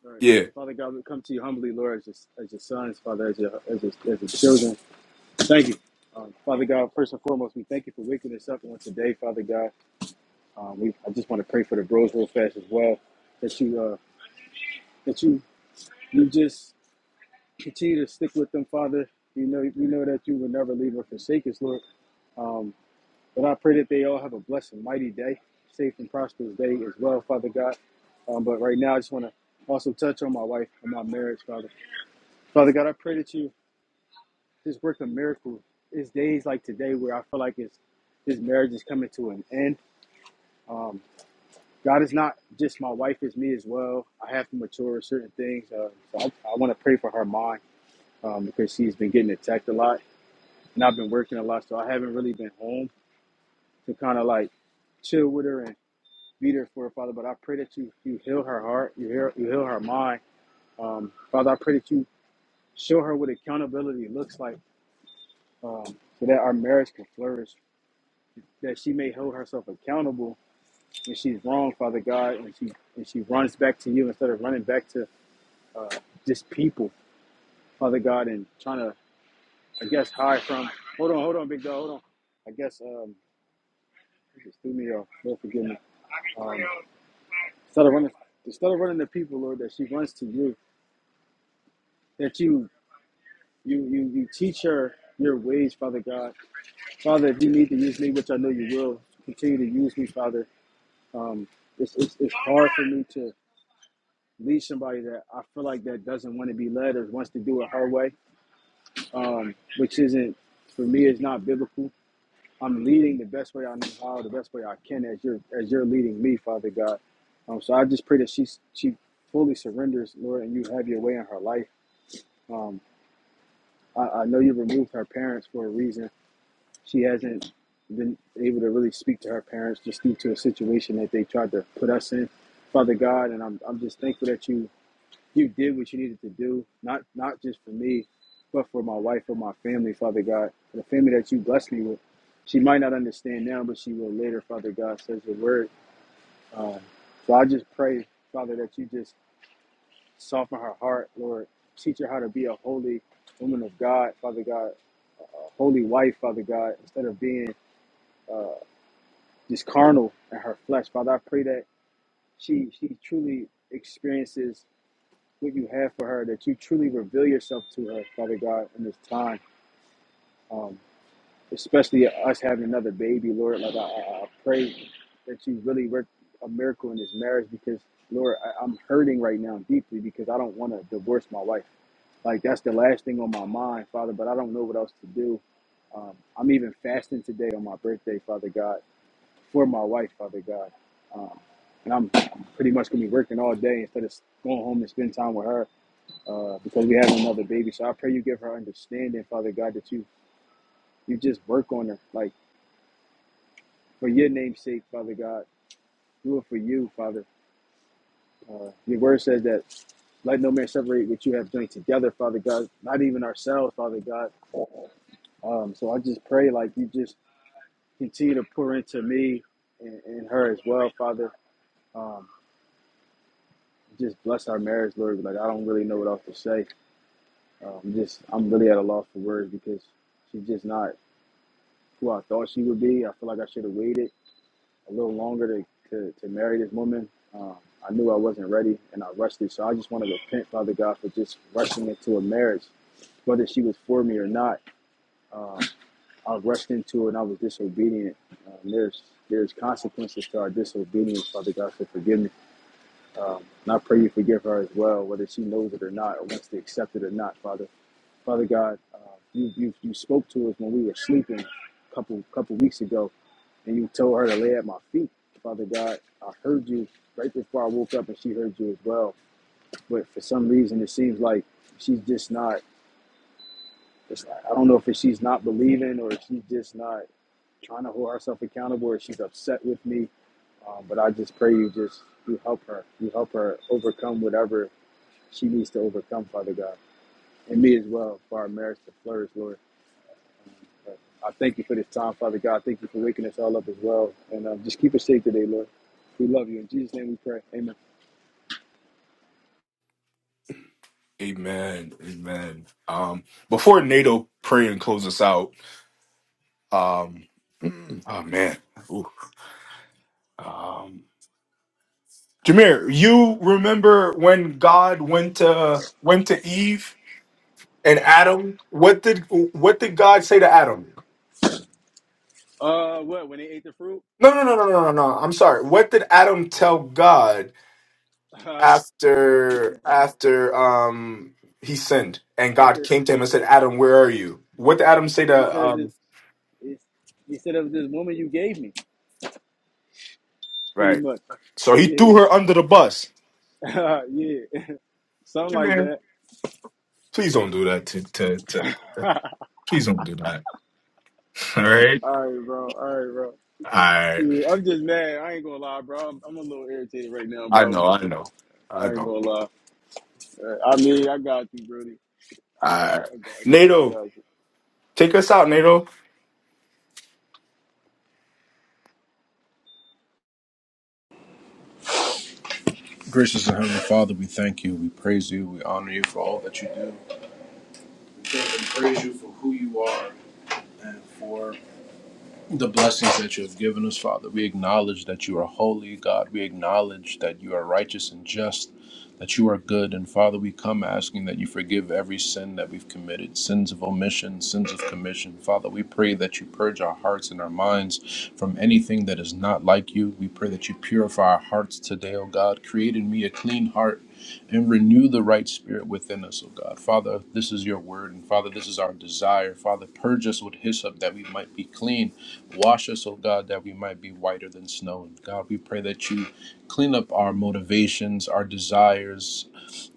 All right, Yeah, Father God, we come to you humbly, Lord, as your, as your sons, Father, as your, as your, as your children. Thank you, um, Father God. First and foremost, we thank you for waking us up on today, Father God. Um, we, I just want to pray for the bros real fast as well. That you, uh, that you, you just continue to stick with them, Father. You know, we know that you will never leave or forsake us, Lord. Um, But I pray that they all have a blessed and mighty day, safe and prosperous day as well, Father God. Um, but right now, I just want to also touch on my wife and my marriage, Father. Father God, I pray that you just work a miracle. It's days like today where I feel like it's, this marriage is coming to an end. Um, God is not just my wife, it's me as well. I have to mature certain things. Uh, so I, I want to pray for her mind um, because she's been getting attacked a lot. And I've been working a lot, so I haven't really been home to kind of like chill with her and. be there for her, Father. But I pray that you you heal her heart, you heal you heal her mind, um, Father. I pray that you show her what accountability looks like, um, so that our marriage can flourish, that she may hold herself accountable when she's wrong, Father God, and she and she runs back to you instead of running back to uh, just people, Father God, and trying to I guess hide from. Hold on, hold on, big dog, hold on. I guess um, you just threw me off. Lord forgive me. Um, instead of running, instead of running to people, Lord, that she runs to you, that you You you you teach her your ways, Father God. Father, if you need to use me, which I know you will, continue to use me, Father. Um, it's it's, it's hard for me to lead somebody that I feel like that doesn't want to be led or wants to do it her way, um, which isn't for me It's not biblical. I'm leading the best way I know how, the best way I can, as you're as you're leading me, Father God. Um, so I just pray that she she fully surrenders, Lord, and you have your way in her life. Um, I, I know you removed her parents for a reason She hasn't been able to really speak to her parents just due to a situation that they tried to put us in. Father God, and I'm, I'm just thankful that you you did what you needed to do, not not just for me, but for my wife and my family, Father God, the family that you blessed me with. She might not understand now, but she will later, Father God, says the word. Um, so I just pray, Father, that you just soften her heart, Lord. Teach her how to be a holy woman of God, Father God, a holy wife, Father God, instead of being. uh, this carnal and her flesh. Father, I pray that she she truly experiences what you have for her, that you truly reveal yourself to her, Father God, in this time. Um, especially us having another baby, Lord. Like I, I, I pray that you really work a miracle in this marriage because Lord, I, I'm hurting right now deeply because I don't want to divorce my wife. Like that's the last thing on my mind, Father, but I don't know what else to do. Um, I'm even fasting today on my birthday, Father God for my wife, Father God. Um, and I'm pretty much gonna be working all day instead of going home and spend time with her uh, because we have another baby. So I pray you give her understanding, Father God, that you you just work on her, like for your name's sake, Father God. Do it for you, Father. Uh, your word says that let no man separate what you have joined together, Father God. Not even ourselves, Father God. Um, so I just pray like you just continue to pour into me and, and her as well, Father. Um, just bless our marriage, Lord. Like I don't really know what else to say. Um, just I'm really at a loss for words because she's just not who I thought she would be. I feel like I should have waited a little longer to, to, to marry this woman. Um, I knew I wasn't ready and I rushed it. So I just want to repent, Father God, for just rushing into a marriage, whether she was for me or not. Um, I rushed into it and I was disobedient. Um, there's there's consequences to our disobedience, Father God. So forgive me. Um, and I pray you forgive her as well, whether she knows it or not, or wants to accept it or not, Father. Father God, uh, you, you you spoke to us when we were sleeping a couple couple weeks ago, and you told her to lay at my feet. Father God, I heard you right before I woke up, and she heard you as well. But for some reason, it seems like she's just not. It's, I don't know if it's she's not believing or if she's just not trying to hold herself accountable, or she's upset with me. Um, but I just pray you just you help her, you help her overcome whatever she needs to overcome, Father God, and me as well for our marriage to flourish, Lord. Uh, I thank you for this time, Father God. Thank you for waking us all up as well, and um, just keep us safe today, Lord. We love you in Jesus' name. We pray. Amen. amen, amen. Um, before NATO pray and close us out, um, mm, oh man, Ooh, um, Jameer, you remember when God went to went to Eve And Adam, what did what did God say to Adam? Uh, what? When they ate the fruit, No, no, no, no, no, no, no. I'm sorry. What did Adam tell God uh, after after um he sinned and God after came to him and said, "Adam, where are you?" What did Adam say he to said of this, um? it's- he said of this woman you gave me, pretty Right. much. So he Yeah, threw her under the bus. yeah, something like Jameer, that. please don't do that to to to. Please don't do that. All right. All right, bro. All right, bro. I Yeah, I'm just mad. I ain't gonna lie, bro. I'm, I'm a little irritated right now, I bro. know. I I ain't know. gonna lie. Uh, I mean, I got you, Brody. I I got you. I NATO, got you. take us out, NATO. Gracious and Heavenly Father, we thank you, we praise you, we honor you for all that you do. We praise you for who you are and for the blessings that you have given us, Father. We acknowledge that you are holy, God. We acknowledge that you are righteous and just, that you are good. And Father, we come asking that you forgive every sin that we've committed, sins of omission, sins of commission. Father, we pray that you purge our hearts and our minds from anything that is not like you. We pray that you purify our hearts today, O God. Create in me a clean heart and renew the right spirit within us, O God. Father, this is your word, and Father, this is our desire. Father, purge us with hyssop that we might be clean. Wash us, oh God, that we might be whiter than snow. And God, we pray that you clean up our motivations, our desires,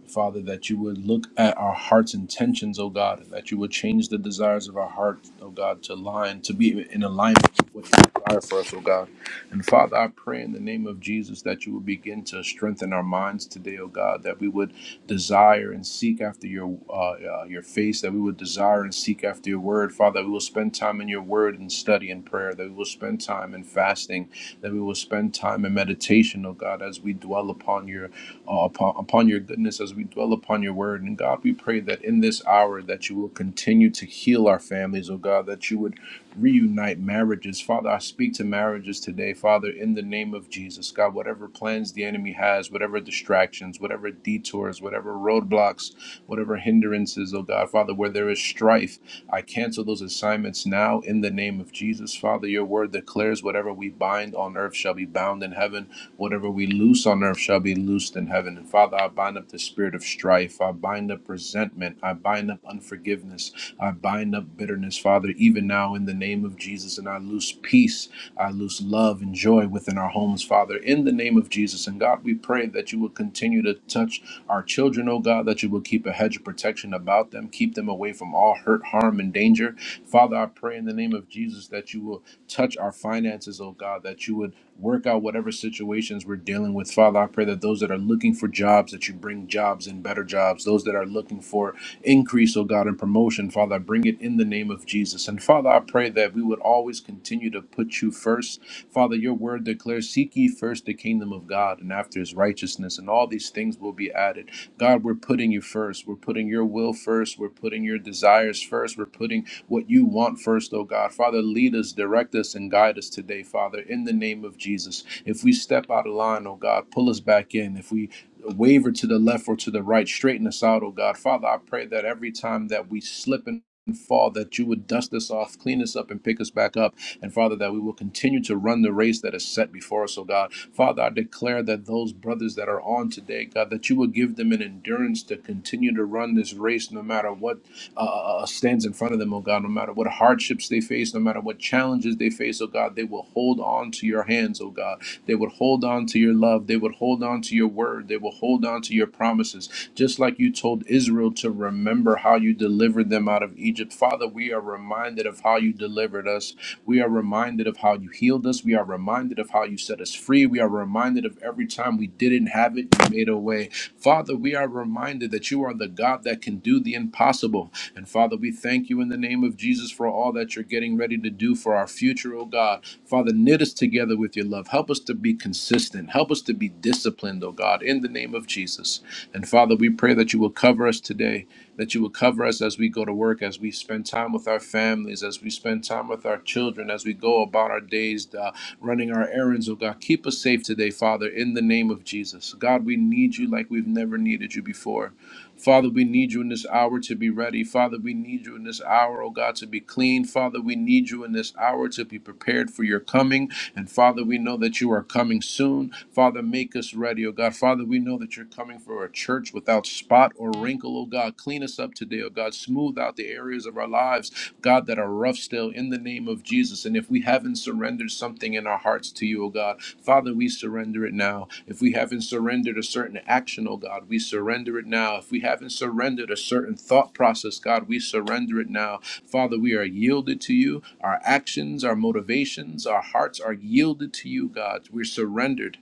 Father, that you would look at our heart's intentions, oh God, and that you would change the desires of our heart, oh God, to align, to be in alignment with what you desire for us, oh God. And Father, I pray in the name of Jesus that you would begin to strengthen our minds today, oh God, that we would desire and seek after your uh, uh, your face, that we would desire and seek after your word, Father. That we will spend time in your word and study and prayer. That we will spend time in fasting. That we will spend time in meditation, oh God, as we dwell upon your uh, upon, upon your goodness, as we dwell upon your word. And God, we pray that in this hour that you will continue to heal our families, oh God. That you would reunite marriages. Father, I speak to marriages today, Father, in the name of Jesus. God, whatever plans the enemy has, whatever distractions, whatever detours, whatever roadblocks, whatever hindrances, oh God, Father, where there is strife, I cancel those assignments now in the name of Jesus. Father, your word declares whatever we bind on earth shall be bound in heaven, whatever we loose on earth shall be loosed in heaven. And Father, I bind up the spirit of strife, I bind up resentment, I bind up unforgiveness, I bind up bitterness, Father, even now in the name of Jesus. And I loose peace, I loose love and joy within our homes, Father, in the name of Jesus. And God, we pray that you will continue to touch touch our children, oh God, that you will keep a hedge of protection about them, keep them away from all hurt, harm, and danger. Father, I pray in the name of Jesus that you will touch our finances, oh God, that you would work out whatever situations we're dealing with. Father, I pray that those that are looking for jobs, that you bring jobs and better jobs. Those that are looking for increase, oh God, and promotion, Father, I bring it in the name of Jesus. And Father, I pray that we would always continue to put you first, Father, your word declares, Seek ye first the kingdom of God and after his righteousness, and all these things will be added. God, we're putting you first. We're putting your will first. We're putting your desires first. We're putting what you want first, oh God. Father, lead us, direct us, and guide us today, Father, in the name of Jesus. If we step out of line, oh God, pull us back in. If we waver to the left or to the right, straighten us out, oh God. Father, I pray that every time that we slip in and fall, that you would dust us off, clean us up, and pick us back up. And Father, that we will continue to run the race that is set before us, oh God. Father, I declare that those brothers that are on today, God, that you will give them an endurance to continue to run this race no matter what uh, uh, uh, uh, stands in front of them, oh God, no matter what hardships they face, no matter what challenges they face, oh God, they will hold on to your hands, oh God. They would hold on to your love. They would hold on to your to your word. They will hold on to your promises, just like you told Israel to remember how you delivered them out of Egypt. Father, we are reminded of how you delivered us. We are reminded of how you healed us. We are reminded of how you set us free. We are reminded of every time we didn't have it, you made a way. Father, we are reminded that you are the God that can do the impossible. And Father, we thank you in the name of Jesus for all that you're getting ready to do do for our future, oh God. Father, knit us together with your love. Help us to be consistent. Help us to be disciplined, oh God, in the name of Jesus. And Father, we pray that you will cover us today, that you will cover us as we go to work, as we spend time with our families, as we spend time with our children, as we go about our days, uh, running our errands, oh God. Keep us safe today, Father, in the name of Jesus. God, we need you like we've never needed you before. Father, we need you in this hour to be ready. Father, we need you in this hour, oh God, to be clean. Father, we need you in this hour to be prepared for your coming. And Father, we know that you are coming soon. Father, make us ready, oh God. Father, we know that you're coming for a church without spot or wrinkle, oh God. Clean us up today, oh God. Smooth out the areas of our lives, God, that are rough still in the name of Jesus. And if we haven't surrendered something in our hearts to you, O God, Father, we surrender it now. If we haven't surrendered a certain action, O God, we surrender it now. If we haven't surrendered a certain thought process, God, we surrender it now. Father, we are yielded to you. Our actions, our motivations, our hearts are yielded to you, God. We're surrendered.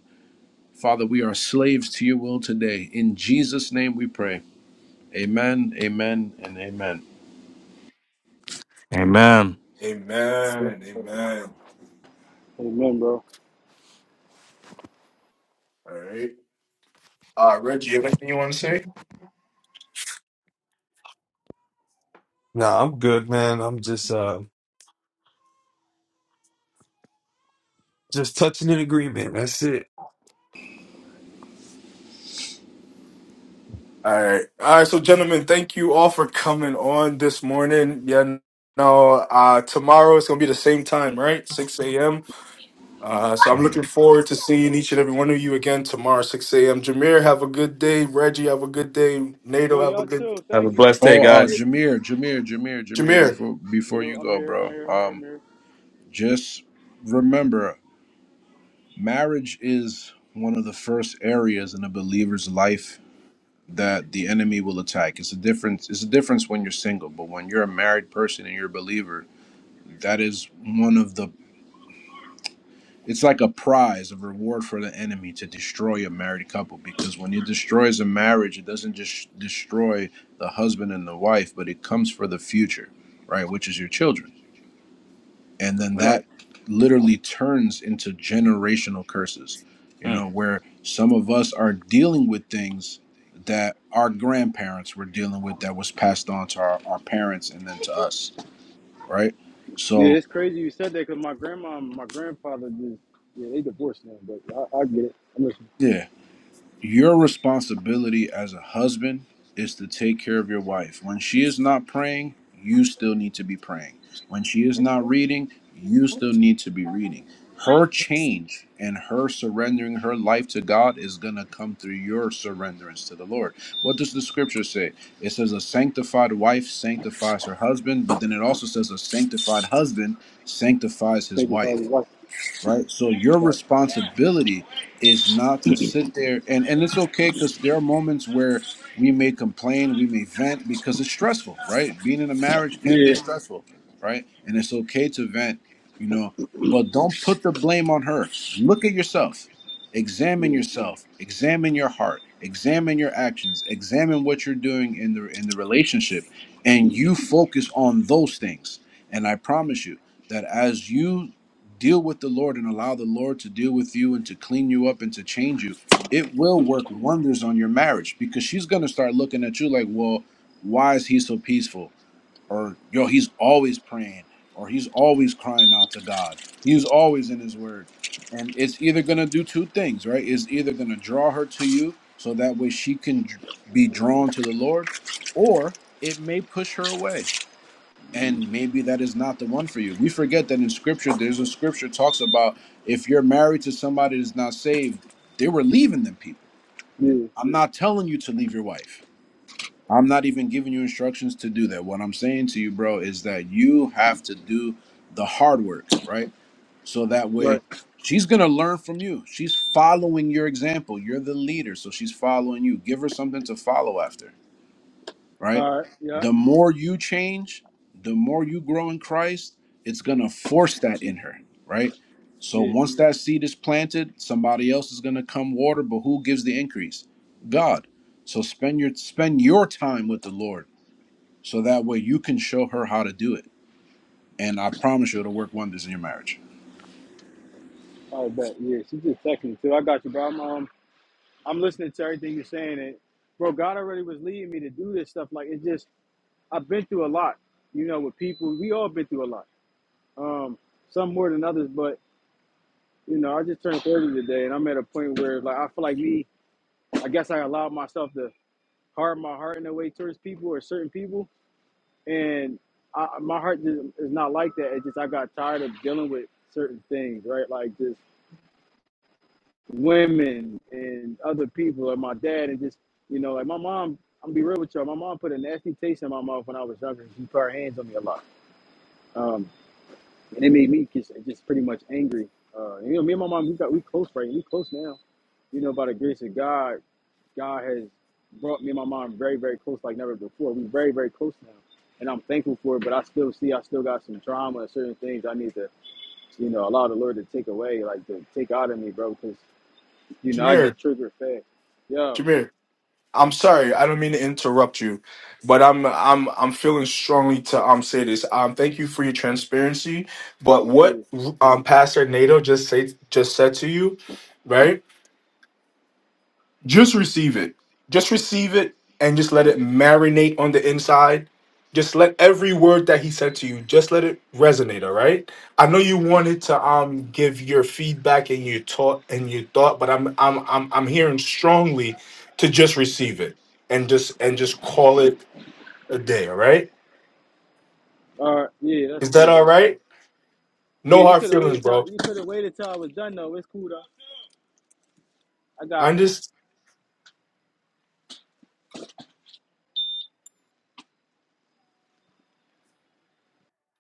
Father, we are slaves to your will today. In Jesus' name we pray. Amen, amen, and amen. Amen. Amen. Amen. Amen, bro. All right. Uh, Reggie. Nah, I'm good, man. I'm just uh Just touching an agreement. That's it. All right. All right. So, gentlemen, thank you all for coming on this morning. Yeah. No, uh, tomorrow it's going to be the same time, right? 6 a.m. Uh, so I'm looking forward to seeing each and every one of you again tomorrow, 6 a.m. Jameer, have a good day. Reggie, have a good day. Nato, Yo, have a y'all good too. Have a Thank you. blessed day, Oh, uh, day. guys. Jameer, Jameer, Jameer, Jameer. Jameer, Before before Yo, you I'm go, here. I'm bro. here. I'm here. I'm Um, here. just remember, marriage is one of the first areas in a believer's life that the enemy will attack. It's a difference. It's a difference when you're single, but when you're a married person and you're a believer, that is one of the. It's like a prize, a reward for the enemy to destroy a married couple. Because when it destroys a marriage, it doesn't just destroy the husband and the wife, but it comes for the future, right? Which is your children. and then Right. that literally turns into generational curses you Mm. know where some of us are dealing with things that our grandparents were dealing with that was passed on to our, our parents and then to us right Yeah, so it's crazy you said that because my grandma and my grandfather just, yeah, they divorced now, but I, I get it. I'm just yeah Your responsibility as a husband is to take care of your wife. When she is not praying, you still need to be praying. When she is not reading, you still need to be reading. Her change and her surrendering her life to God is going to come through your surrenderance to the Lord. What does the scripture say? It says, A sanctified wife sanctifies her husband, but then it also says, A sanctified husband sanctifies his thinking wife probably watch right? So your right. responsibility is not to sit there and and it's okay because there are moments where we may complain, we may vent because it's stressful, right? Being in a marriage can Yeah. be stressful, right? And it's okay to vent, you know, but don't put the blame on her. Look at yourself. Examine Yeah. yourself. Examine your heart. Examine your actions. Examine what you're doing in the in the relationship and you focus on those things. And I promise you that as you deal with the Lord and allow the Lord to deal with you and to clean you up and to change you, it will work wonders on your marriage because she's going to start looking at you like, well, why is he so peaceful? Or, yo, he's always praying or he's always crying out to God. He's always in his word. And it's either going to do two things, right? It's either going to draw her to you so that way she can dr- be drawn to the Lord or it may push her away and maybe that is not the one for you. We forget that in scripture, there's a scripture talks about if you're married to somebody that's not saved, they were leaving them people. Yeah. I'm not telling you to leave your wife. I'm not even giving you instructions to do that. What I'm saying to you, bro, is that you have to do the hard work, right? So that Right. way she's going to learn from you. She's following your example. You're the leader, so she's following you. Give her something to follow after right? All right. Yeah. The more you change, the more you grow in Christ, it's going to force that in her, right? So Yeah. once that seed is planted, somebody else is going to come water, but who gives the increase? God. So spend your spend your time Right. with the Lord so that way you can show her how to do it. And I promise you it'll work wonders in your marriage. All right, bet. Yeah. She just texted me too. I got you, bro. I'm, um, I'm listening to everything you're saying. And, bro, God already was leading me to do this stuff. Like, it's just, I've been through a lot, you know, with people. We all been through a lot. Um, some more than others, but you know, I just turned 30 today, and I'm at a point where like I feel like me. I guess I allowed myself to harden my heart in a way towards people or certain people, and I, my heart just is not like that. It's just I got tired of dealing with certain things, right? Like just women and other people, and my dad, and just you know, like my mom. I'm gonna be real with y'all. My mom put a nasty taste in my mouth when I was younger. She put her hands on me a lot. Um, and it made me just, just pretty much angry. Uh, you know, me and my mom, we got we close right, we close now. You know, by the grace of God, God has brought me and my mom very, very close like never before. We're very, very close now, and I'm thankful for it. But I still see, I still got some trauma and certain things I need to, you know, allow the Lord to take away, like to take out of me, bro. Because you know, I Jameer, get triggered fast. Yeah, Jameer. I'm sorry. I don't mean to interrupt you, but I'm, I'm, I'm feeling strongly to, um, say this. Um, thank you for your transparency. But yeah, what, um, Pastor Nato just say, just said to you, right? Just receive it. Just receive it and just let it marinate on the inside. Just let every word that he said to you, just let it resonate, all right? I know you wanted to um give your feedback and your thought and your thought, but I'm I'm I'm I'm hearing strongly to just receive it and just and just call it a day, all right? all right, yeah, that's Is cool, that all bro. right? Yeah, No you hard could have feelings, waited till bro. you could have waited till I was done though. It's cool though. I got you. I'm just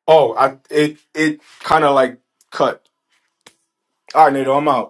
oh, I it it kind of like cut. All right, Nato, I'm out.